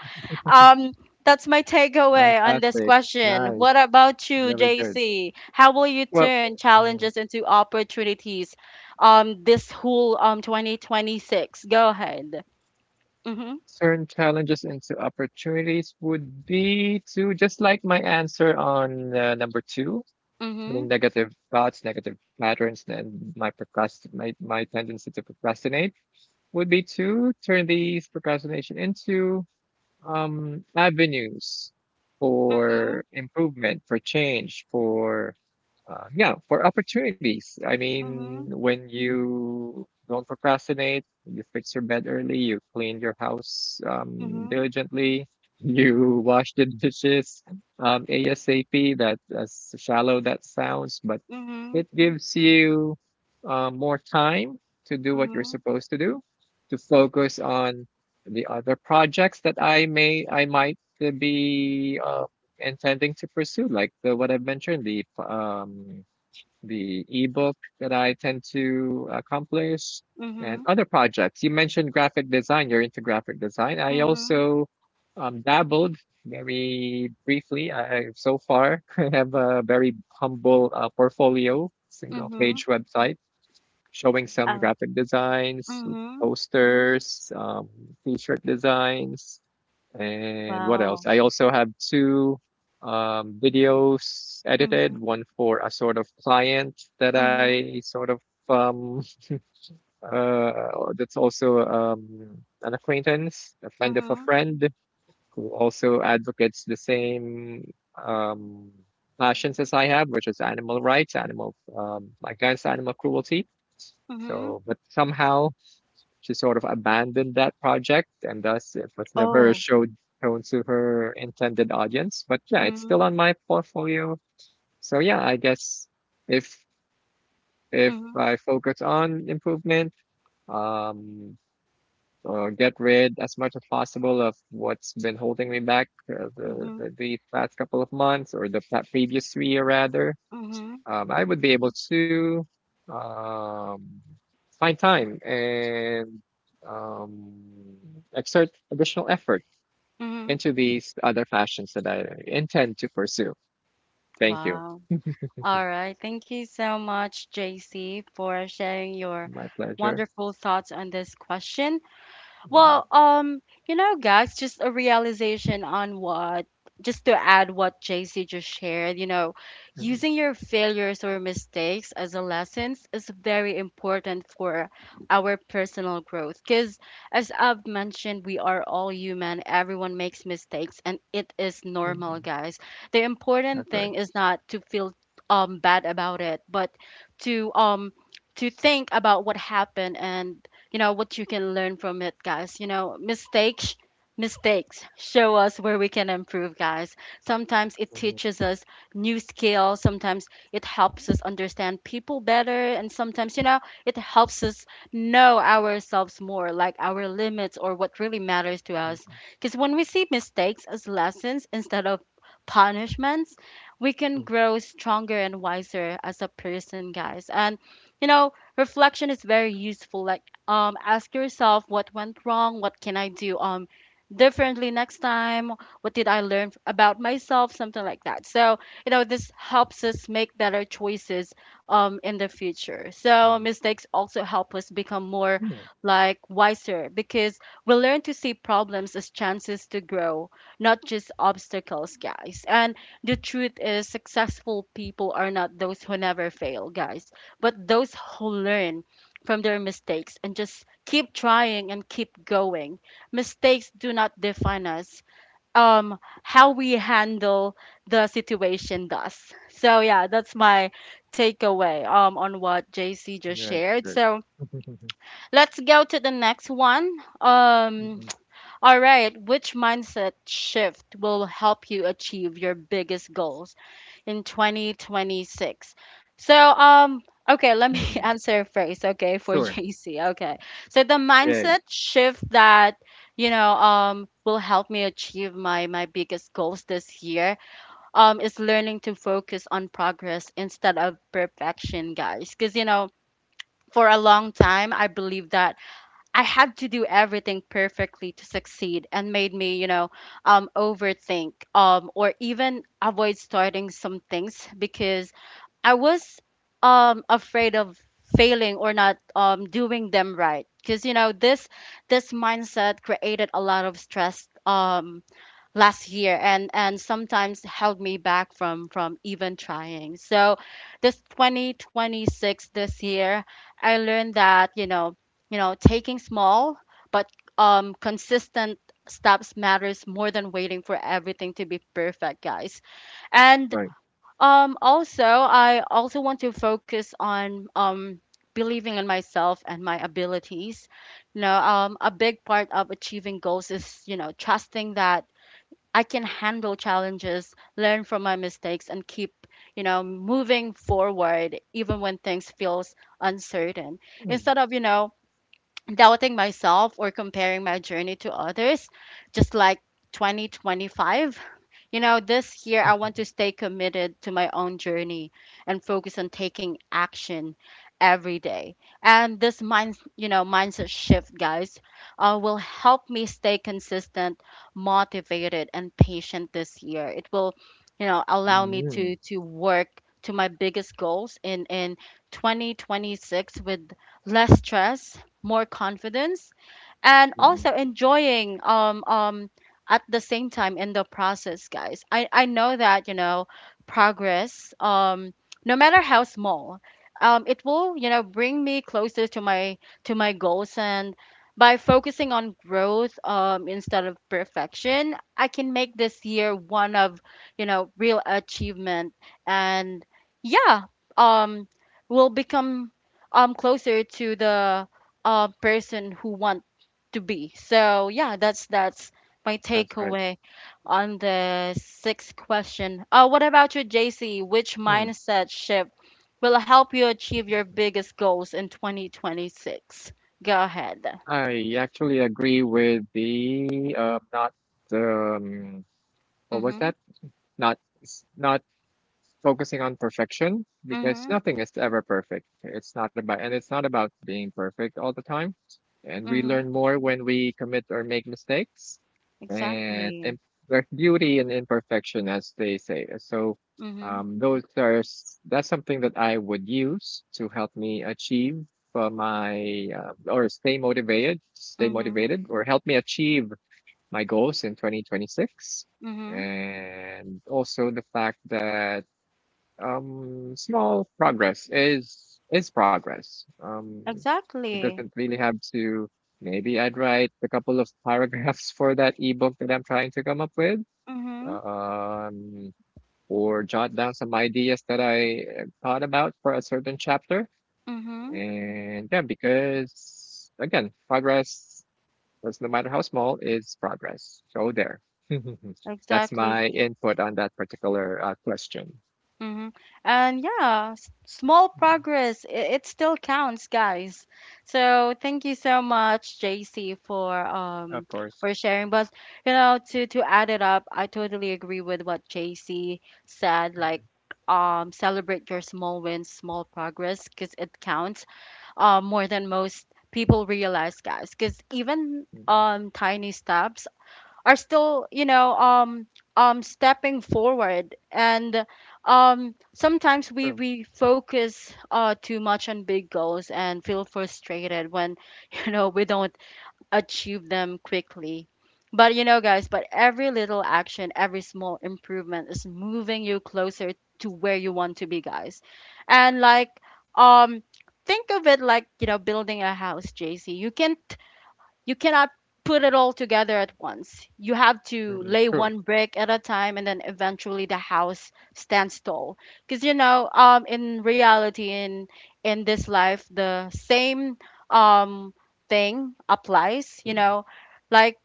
A: um, that's my takeaway on this
B: Fantastic.
A: question.
B: Nice.
A: What about you,
B: Very good.
A: JC? How will you
B: Well,
A: turn
B: mm,
A: challenges into opportunities this whole 2026? Go ahead. Mhm.
B: turn challenges into opportunities would be to just like my answer on number two, the
A: Mhm.
B: negative thoughts, negative patterns, and my tendency to procrastinate would be to turn these procrastination into avenues for improvement, for change, for yeah, for opportunities. I mean,
A: Mhm.
B: when you don't procrastinate, you fix your bed early, you clean your house
A: Mhm.
B: diligently, <laughs> you wash the dishes ASAP. That as shallow that sounds, but
A: Mhm.
B: it gives you more time to do what you're
A: Mhm.
B: supposed to do, to focus on the other projects that I might be intending to pursue, like the what I've mentioned, the ebook that I tend to accomplish, and
A: Mhm.
B: other projects. You mentioned graphic design. You're into graphic design. I
A: Mhm.
B: also dabbled very briefly. So far, <laughs> I have a very humble portfolio, single
A: Mhm.
B: page
A: Mhm.
B: website showing some
A: Oh.
B: graphic designs,
A: Mhm.
B: posters, t-shirt designs, and what
A: Wow.
B: else? I also have two videos edited,
A: Mhm.
B: one for a sort of client that
A: Mhm.
B: I sort of um, that's also an acquaintance, a friend of a
A: Mhm.
B: friend who also advocates the same um, passions as I have, which is animal rights, animal, against animal cruelty.
A: Mhm.
B: So, but somehow she sort of abandoned that project, and thus it was never
A: Oh.
B: showed shown to her intended audience. But yeah, it's still
A: Mhm.
B: on my portfolio. So yeah, I guess if if
A: Mhm.
B: I focus on improvement, um, or get rid as much as possible of what's been holding me back, uh, the, the
A: Mhm.
B: the past couple of months, or previous 3 year rather,
A: Mhm.
B: I would be able to, um, find time and, um, exert additional effort
A: Mhm.
B: into these other passions that I intend to pursue. Thank you.
A: Wow. All right. Thank you so much, JC, for sharing your
B: My pleasure.
A: wonderful thoughts on this question.
B: Mm.
A: Well, guys, just a realization on what, just to add what JC just shared,
B: Mm.
A: using your failures or mistakes as a lessons is very important for our personal growth. Because, as I've mentioned, we are all human, everyone makes mistakes, and it is
B: Mm.
A: normal,
B: Mm.
A: guys. The important
B: That's right.
A: thing is not to feel bad about it, but to think about what happened, and what you can learn from it, guys. Mistakes show us where we can improve, guys. Sometimes it
B: Mm.
A: teaches us new skills, sometimes it helps us understand people better, and sometimes, it helps us know ourselves more, like our limits or what really matters to us.
B: Mm.
A: Because when we see mistakes as lessons instead of punishments, we can
B: Mm.
A: grow stronger and wiser as a person, guys. And you know reflection is very useful. Like, ask yourself, what went wrong? What can I do differently next time? What did I learn about myself? Something like that. So, this helps us make better choices in the future. So
B: Mm.
A: mistakes also help us become more,
B: Yeah,
A: like, wiser, because we learn to see problems as chances to grow, not just obstacles, guys. And the truth is, successful people are not those who never fail, guys, but those who learn from their mistakes and just keep trying and keep going. Mistakes do not define us. How we handle the situation does. So yeah, that's my takeaway on what JC just
B: that's
A: shared.
B: good.
A: So
B: <laughs>
A: let's go to the next one. Um
B: Mm.
A: all right, which mindset shift will help you achieve your biggest goals in 2026? So, okay, let
B: Mm.
A: me <laughs>
B: Mm.
A: answer first, okay, for <laughs>
B: Sure.
A: JC. Okay. So the
B: Yay.
A: mindset shift that, will help me achieve my biggest goals this year is learning to focus on progress instead of perfection, guys. Cuz for a long time I believe that I had to do everything perfectly to succeed, and made me, overthink, or even avoid starting some things because I was afraid of failing or not doing them right. Because, this mindset created a lot of stress, last year, and sometimes held me back from even trying. So this 2026, this year, I learned that, taking small but consistent steps matters more than waiting for everything to be perfect, guys. And
B: Right.
A: also, I also want to focus on believing in myself and my abilities. A big part of achieving goals is trusting that I can handle challenges, learn from my mistakes, and keep, moving forward even when things feels uncertain.
B: Mm.
A: Instead of, doubting myself or comparing my journey to others, just like 2025. This year
B: <laughs>
A: I
B: Mm.
A: want to stay committed to my own journey and focus on taking action every day. And this mindset shift, guys, will help me stay consistent, motivated, and patient this year. It will, allow me
B: Mm.
A: to work to my biggest goals in 2026, with less stress, more confidence, and
B: Mm.
A: also enjoying, at the same time, in the process, guys. I know that, progress, no matter how small, it will, bring me closer to my goals. And by focusing on growth, instead of perfection, I can make this year one of, real achievement. And yeah, um will become closer to the, person who want to be. So yeah, that's my
B: That's right.
A: takeaway on the sixth question. What about you, JC? Which
B: Mm.
A: mindset shift will help you achieve your biggest goals in 2026? Go ahead.
B: I actually agree with the, not, um, what was
A: Mhm.
B: that? Not focusing on perfection because
A: Mhm.
B: nothing is ever perfect. It's not about being perfect all the time. And we
A: Mhm.
B: learn more when we commit or make mistakes. And
A: Exactly.
B: there's beauty in imperfection, as they say. So,
A: Mhm.
B: that's something that I would use to help me achieve my or stay
A: Mhm.
B: motivated, or help me achieve my goals in 2026.
A: Mhm.
B: And also the fact that, small progress is progress. It doesn't
A: Exactly.
B: really have to. Maybe I'd write a couple of paragraphs for that ebook that I'm trying to come up with,
A: Mhm.
B: um, or jot down some ideas that I thought about for a certain chapter.
A: Mhm.
B: And yeah, because again, progress, that's no matter how small, is progress. So there. <laughs> That's
A: Exactly.
B: my input on that particular question.
A: Mm-hmm. And yeah, small
B: Mm.
A: progress, it still counts, guys. So thank you so much, JC, for
B: Of course.
A: sharing. But to add it up, I totally agree with what JC said. Like, celebrate your small wins, small progress, because it counts, more than most people realize, guys. Because even
B: Mm-mm.
A: tiny steps are still, stepping forward. And sometimes we
B: True.
A: we focus too much on big goals and feel frustrated when <laughs> we don't achieve them quickly, but, guys, but every little action, every small improvement, is moving you closer to where you want to be, guys. And, like, um think of it like, building a house, JC. You cannot put it all together at once. You have to
B: Mm-mm.
A: lay
B: True.
A: one brick at a time, and then eventually the house stands tall. Because, in reality, in this life, the same um thing applies.
B: Mm-mm.
A: Like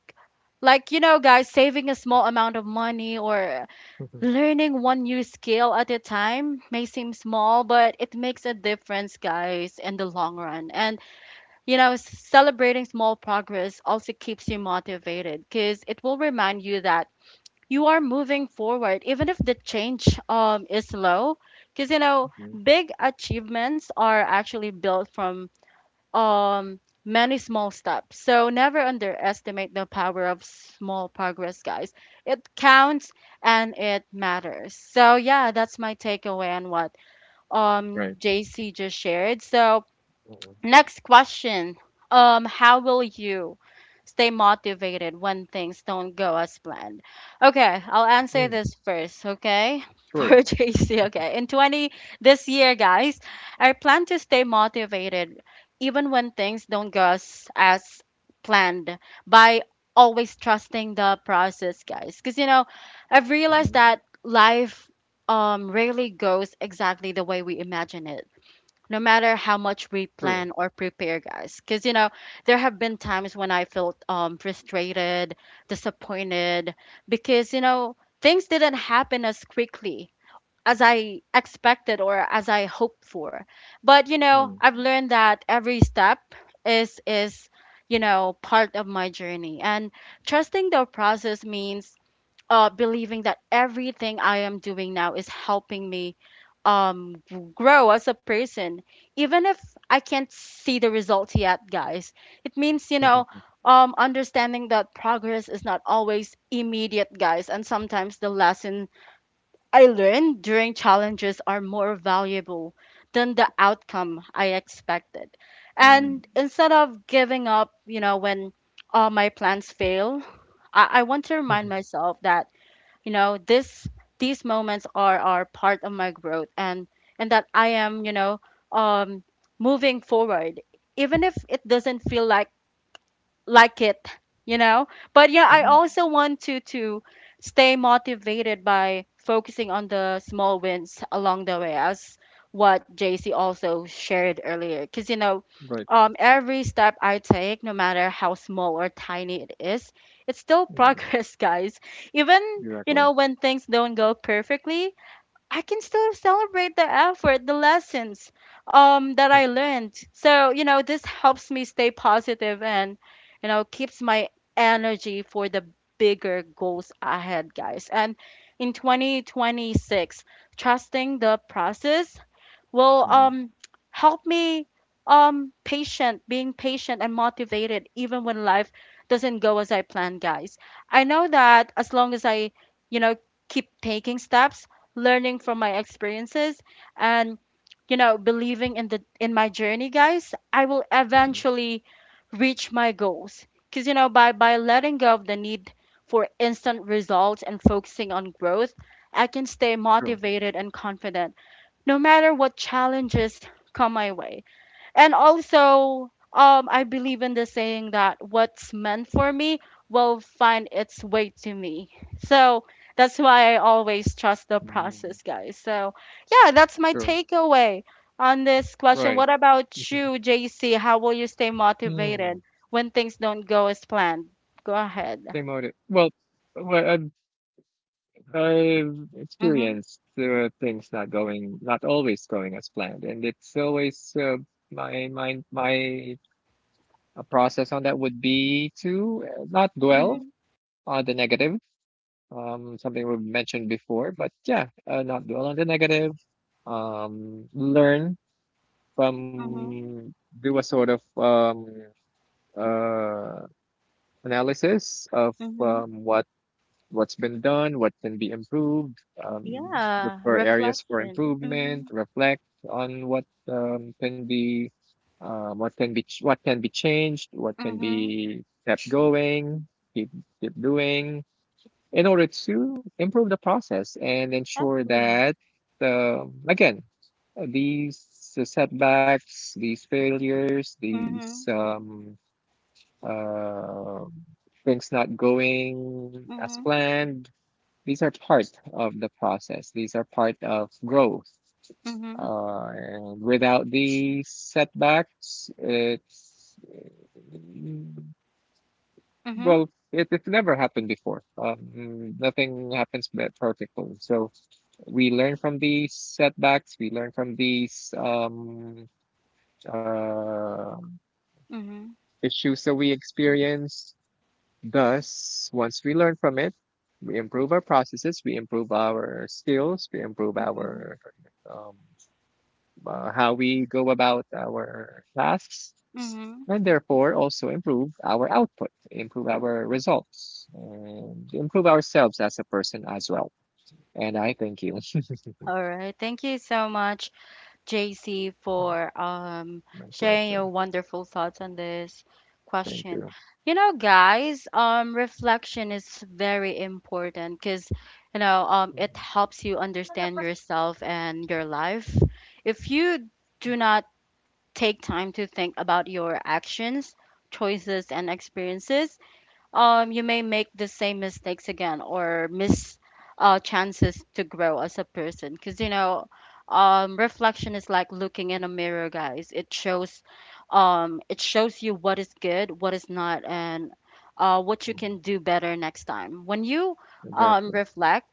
A: like, guys, saving a small amount of money or learning one new skill at a time may seem small, but it makes a difference, guys, in the long run. And you know, celebrating small progress also keeps you motivated because it will remind you that you are moving forward, even if the change is slow. Because, you know,
B: Mm-mm.
A: big achievements are actually built from um, many small steps. So never underestimate the power of small progress, guys. It counts and it matters. So, yeah, that's my takeaway on what
B: Right.
A: JC just shared. So,
B: Mm-mm.
A: next question. How will you stay motivated when things don't go as planned? Okay, I'll answer
B: Mm.
A: this first, okay? <laughs> For
B: Sure.
A: JC,
B: Mhm.
A: okay. In 20 this year, guys, I plan to stay motivated even when things don't go as planned by always trusting the process, guys. Cuz you know, I've realized
B: Mm-mm.
A: that life rarely goes exactly the way we imagine it, no matter how much we
B: True.
A: plan or prepare, guys. Because you know, there have been times when I felt frustrated, disappointed, because you know, things didn't happen as quickly as I expected or as I hoped for. But you know,
B: Mm.
A: I've learned that every step is you know, part of my journey, and trusting the process means believing that everything I am doing now is helping me grow as a person, even if I can't see the results yet, guys. It means, you know, understanding that progress is not always immediate, guys, and sometimes the lesson I learned during challenges are more valuable than the outcome I expected.
B: Mm.
A: And instead of giving up, you know, when all my plans fail, I want to remind myself that, you know, this these moments are part of my growth, and that I am, you know, um moving forward, even if it doesn't feel like it, you know. But yeah, I
B: Mm-mm.
A: also want to stay motivated by focusing on the small wins along the way, as what JC also shared earlier. Because you know,
B: Right.
A: every step I take, no matter how small or tiny it is, it's still
B: Mm.
A: progress <laughs> guys. Even, you
B: Mm.
A: know, when things don't go perfectly, I can still celebrate the effort, the lessons that I learned. So, you know, this helps me stay positive and, you know, keeps my energy for the bigger goals ahead, guys. And in 2026, trusting the process will
B: Mm.
A: help me being patient and motivated, even when life doesn't go as I plan, guys. I know that as long as I, you know, keep taking steps, learning from my experiences, and, you know, believing in my journey, guys, I will eventually reach my goals. Cuz you know, by letting go of the need for instant results and focusing on growth, I can stay
B: Sure.
A: motivated and confident no matter what challenges come my way. And also, I believe in the saying that what's meant for me will find its way to me. So that's why I always trust the
B: Hmm. Mm. True. Mm. Mm. Mm. Mm. Right. Mm. Mm. Exactly. Mm-mm. Mm. True. Mm.
A: process, guys. So, yeah, that's my
B: True.
A: takeaway on this question.
B: Right.
A: What about
B: Mhm.
A: you, JC? How will you stay
B: Mm.
A: motivated when things don't go as planned? Go ahead.
B: Same motive. Well, well, I've, I've
A: Mm-hmm.
B: experienced things not always going as planned, and it's always my mind, my a process on that would be to, not dwell
A: Mm-hmm.
B: on the negative, something we've mentioned before, but yeah, not dwell on the negative, learn
A: Mm-hmm.
B: from, do a sort of uh, analysis of,
A: Mm-hmm.
B: what's been done, what can be improved, look
A: Yeah.
B: for areas for
A: Reflection. Mm-hmm.
B: improvement, reflect on what what can be changed, what can
A: Mm-hmm.
B: be kept going, keep keep doing, in order to improve the process and ensure
A: Exactly.
B: that, again, these setbacks, these failures, these
A: Mhm.
B: uh, things not going as
A: Mhm.
B: planned. These are part of the process. These are part of growth.
A: Mhm.
B: And without these setbacks, it's
A: Mhm.
B: well, it's never happened before. Nothing happens perfectly. So we learn from these setbacks. We learn from these uh,
A: Mhm.
B: issues that we experience. Thus, once we learn from it, we improve our processes, we improve our skills, we improve
A: Mhm.
B: our um, how we go about our tasks,
A: Mhm.
B: and therefore also improve our output, improve our results, and improve ourselves as a person as well. And I thank you. <laughs>
A: All right. Thank you so much, JC, for
B: My
A: sharing
B: pleasure.
A: your wonderful thoughts on this
B: Thank
A: question.
B: you.
A: You know, guys, reflection is very important. Cuz you know, it
B: Mhm.
A: helps you understand yourself and your life. If you do not take time to think about your actions, choices, and experiences, you may make the same mistakes again or miss chances to grow as a person. Because, you know, reflection is like looking in a mirror, guys. It shows you what is good, what is not, and what you
B: Mhm.
A: can do better next time. When you
B: Exactly.
A: reflect,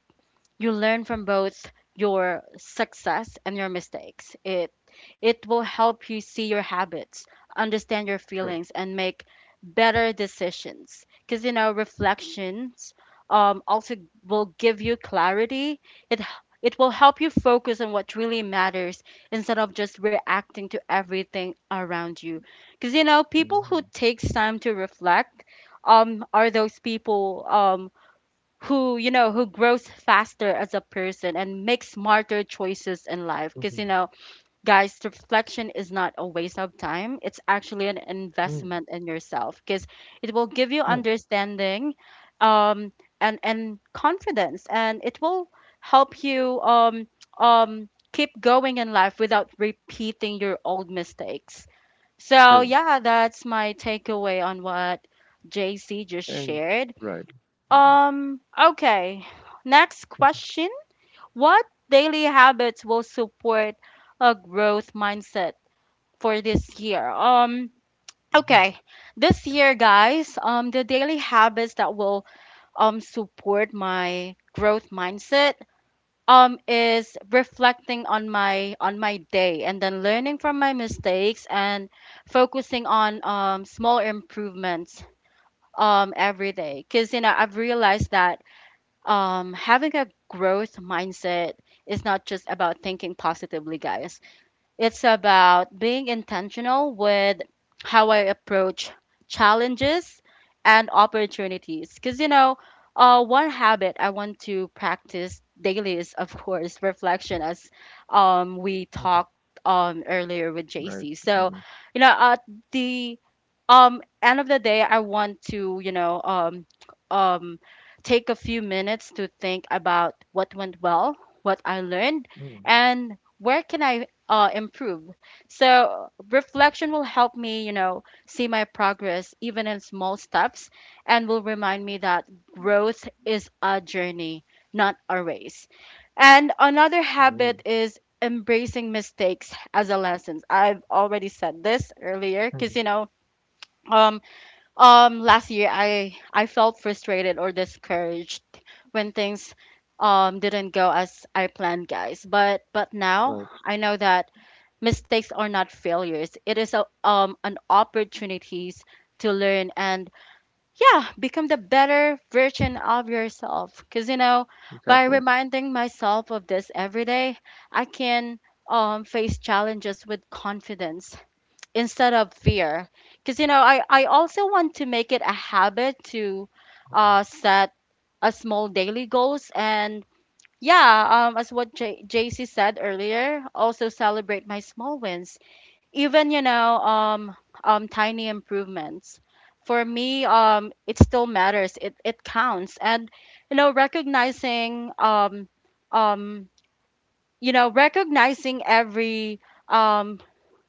A: you learn from both your success and your mistakes. It will help you see your habits, understand your
B: True.
A: feelings, and make better decisions, because you know, reflections also will give you clarity. it h- it will help you focus on what really matters, instead of just reacting to everything around you, because you know, people who
B: Mhm.
A: takes time to reflect are those people who you know who grows faster as a person and makes smarter choices in life. Because you
B: Mhm.
A: know, guys, reflection is not a waste of time. It's actually an
B: Mhm.
A: investment in yourself, because it will give you
B: Yeah.
A: understanding, um and confidence, and it will help you keep going in life without repeating your old mistakes. So
B: True.
A: yeah, that's my takeaway on what JC just
B: And
A: shared.
B: right. Mhm.
A: Okay, next
B: Mhm.
A: question. What daily habits will support a growth mindset for this year? Okay. This year, guys, the daily habits that will support my growth mindset is reflecting on my day and then learning from my mistakes and focusing on small improvements every day, because you know, I've realized that having a growth mindset is not just about thinking positively, guys. It's about being intentional with how I approach challenges and opportunities. Because, you know, one habit I want to practice daily is, of course, reflection, as we talked earlier with
B: Right.
A: JC. So,
B: Mm.
A: you know, at the end of the day, I want to, you know, um take a few minutes to think about what went well, what I learned,
B: Mm.
A: and where can I improve. So reflection will help me, you know, see my progress even in small steps, and will remind me that growth is a journey, not a race. And another habit
B: Mm.
A: is embracing mistakes as a lesson. I've already said this earlier, because,
B: Mhm.
A: you know, um last year I felt frustrated or discouraged when things didn't go as I planned, guys. But now
B: Right.
A: I know that mistakes are not failures. It is an opportunities to learn and, yeah, become the better version of yourself, because you know, by
B: Exactly.
A: reminding myself of this every day, I can face challenges with confidence instead of fear. Because you know, I also want to make it a habit to set a small daily goals and, yeah, as what JC said earlier, also celebrate my small wins. Even, you know, tiny improvements for me, it still matters. It counts, and, you know, um, recognizing every um,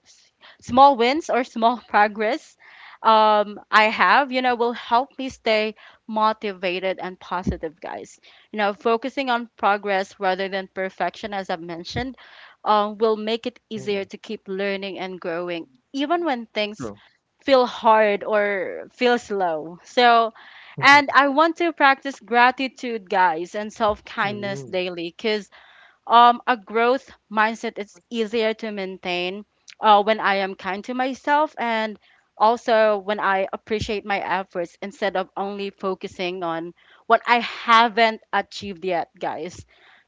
A: s- small wins or small <laughs> progress, I have, you know, will help me stay motivated and positive, guys. You know, focusing on progress rather than perfection, as I've mentioned, will make it easier
B: Mm.
A: to keep learning and growing, even when things
B: True.
A: feel hard or feel slow. So,
B: Mhm.
A: and I want to practice gratitude, guys, and self kindness
B: Mm.
A: daily, because a growth mindset is easier to maintain when I am kind to myself, and also when I appreciate my efforts instead of only focusing on what I haven't achieved yet, guys.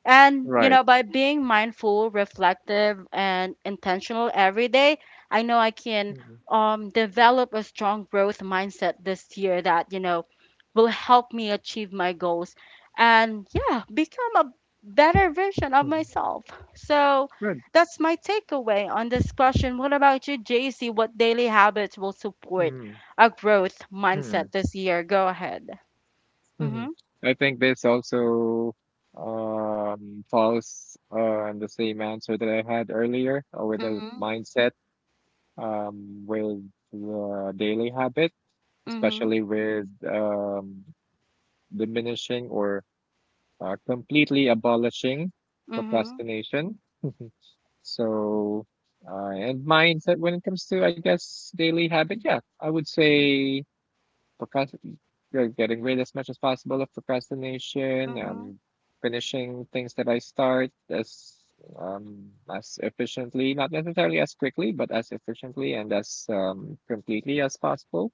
A: And, you know,
B: Right.
A: by being mindful, reflective, and intentional every day, I know I can
B: Mhm.
A: develop a strong growth mindset this year that, you know, will help me achieve my goals and, yeah, become a better version of
B: Mhm.
A: myself. So
B: Good.
A: that's my takeaway on this question. What about you, JC? What daily habits will support
B: Mm.
A: a growth
B: Mm.
A: mindset this year? Go ahead.
B: Mhm.
A: Mm-hmm.
B: I think this also, falls, on the same answer that I had earlier, with the
A: Mm-hmm.
B: mindset, with the daily habit,
A: Mm-hmm.
B: especially with, diminishing or completely abolishing
A: Mm-hmm.
B: procrastination. <laughs> So, and mindset when it comes to, I guess, daily habit, yeah, I would say procrastinate, getting rid as much as possible of procrastination,
A: Mm-hmm.
B: finishing things that I start um as efficiently, not necessarily as quickly, but as efficiently and as completely as possible.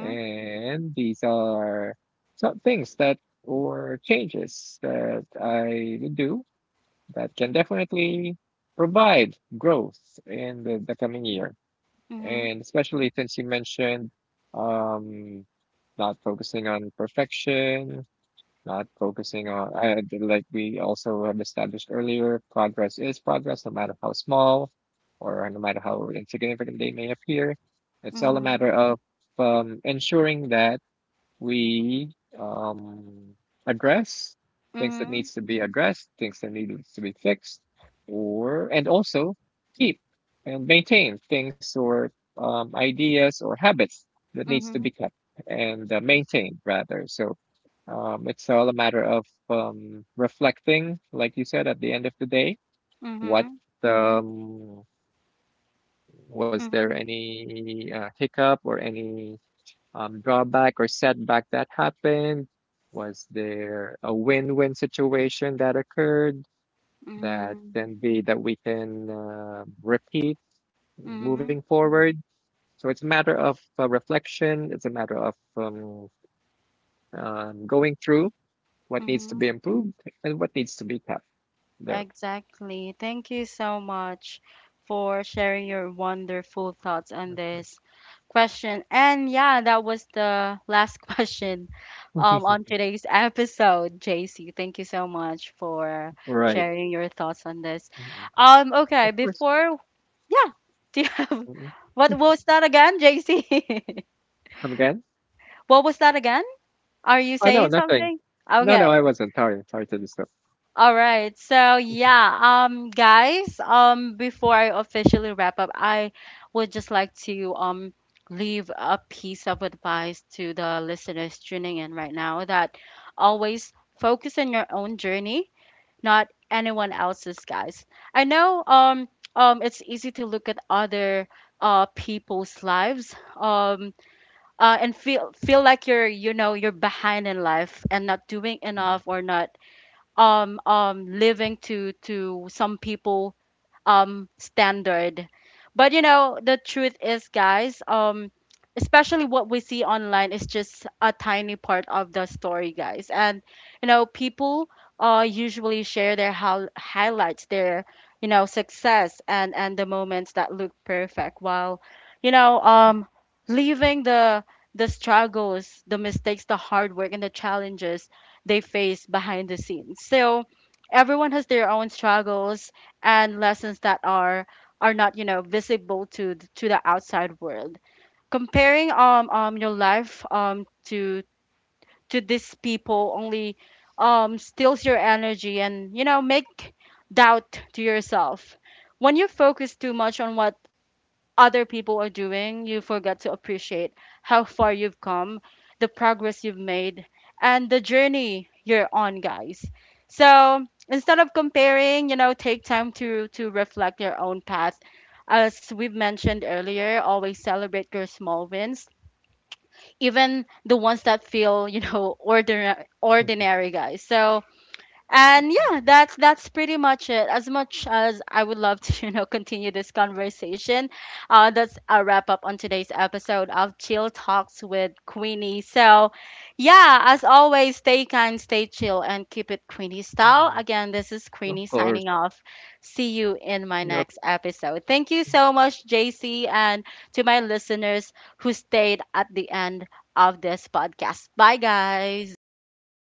B: And these are some things that or changes that I would do that can definitely provide growth in the coming year.
A: Mm-hmm.
B: And
A: Mm-hmm.
B: especially since you mentioned, um, not focusing on perfection, not focusing on, like we also have established earlier, progress is progress, no matter how small or no matter how insignificant they may appear. It's all a
A: Mm-hmm.
B: matter of, ensuring that we, address things that needs to be addressed, things that needs to be fixed, or and also keep and maintain things or, ideas or habits that needs
A: Mm-hmm.
B: to be
A: Mm-hmm.
B: kept and, maintained rather. So, it's all a matter of, reflecting, like you said, at the end of the day,
A: Mm-hmm.
B: what
A: Mm-hmm.
B: um, was there any hiccup or any drawback or setback that happened? Was there a win-win situation that occurred
A: Mm-hmm.
B: that we can repeat
A: Mm-hmm.
B: moving forward? So it's a matter of, reflection. It's a matter of, going through what needs to
A: Mm-hmm.
B: be improved and what needs to be kept there.
A: Exactly. Thank you so much for sharing your wonderful thoughts on this question. And yeah, that was the last <laughs> question
B: <laughs>
A: on today's <laughs> episode, JC. Thank you so much for
B: Right.
A: sharing your thoughts on this.
B: Mhm.
A: Okay,
B: Of course.
A: before, yeah, <laughs> do you have,
B: Mhm.
A: <laughs> what was that again, JC? <laughs>
B: Come again?
A: What was that again? Are you
B: Oh, no,
A: saying
B: nothing.
A: something?
B: No, no, I
A: Okay,
B: wasn't. Sorry. Sorry to disturb.
A: all right. So yeah, guys, before I officially wrap up, I would just like to leave a piece of advice to the listeners tuning in right now, that always focus on your own journey, not anyone else's, guys. I know it's easy to look at other people's lives and feel like you're you know you're behind in life and not doing
B: Mhm.
A: enough, or not living to some people standard. But you know, the truth is, guys, especially what we see online is just a tiny part of the story, guys. And you know, people usually share their highlights, their, you know, success and the moments that look perfect, while, you know, leaving the struggles, the mistakes, the hard work, and the challenges they face behind the scenes. So everyone has their own struggles and lessons that are not, you know, visible to the outside world. Comparing your life to these people only steals your energy, and, you know, make doubt to yourself. When you focus too much on what other people are doing, you forget to appreciate how far you've come, the progress you've made, and the journey you're on, guys. So instead of comparing, you know, take time to reflect your own path. As we've mentioned earlier, always celebrate your small wins, even the ones that feel, <laughs> ordinary, guys. So and yeah, that's pretty much it. As much as I would love to, <laughs> continue this conversation, that's a wrap up on today's episode of Chill Talks with Queenie. So, yeah, as always, stay kind, stay chill, and keep it Queenie style. Again, this is
B: <laughs> Of
A: Queenie
B: course.
A: signing off. See you in my
B: Yep.
A: next episode. Thank you so much, JC, and to my listeners who stayed at the end of this podcast. Bye, guys.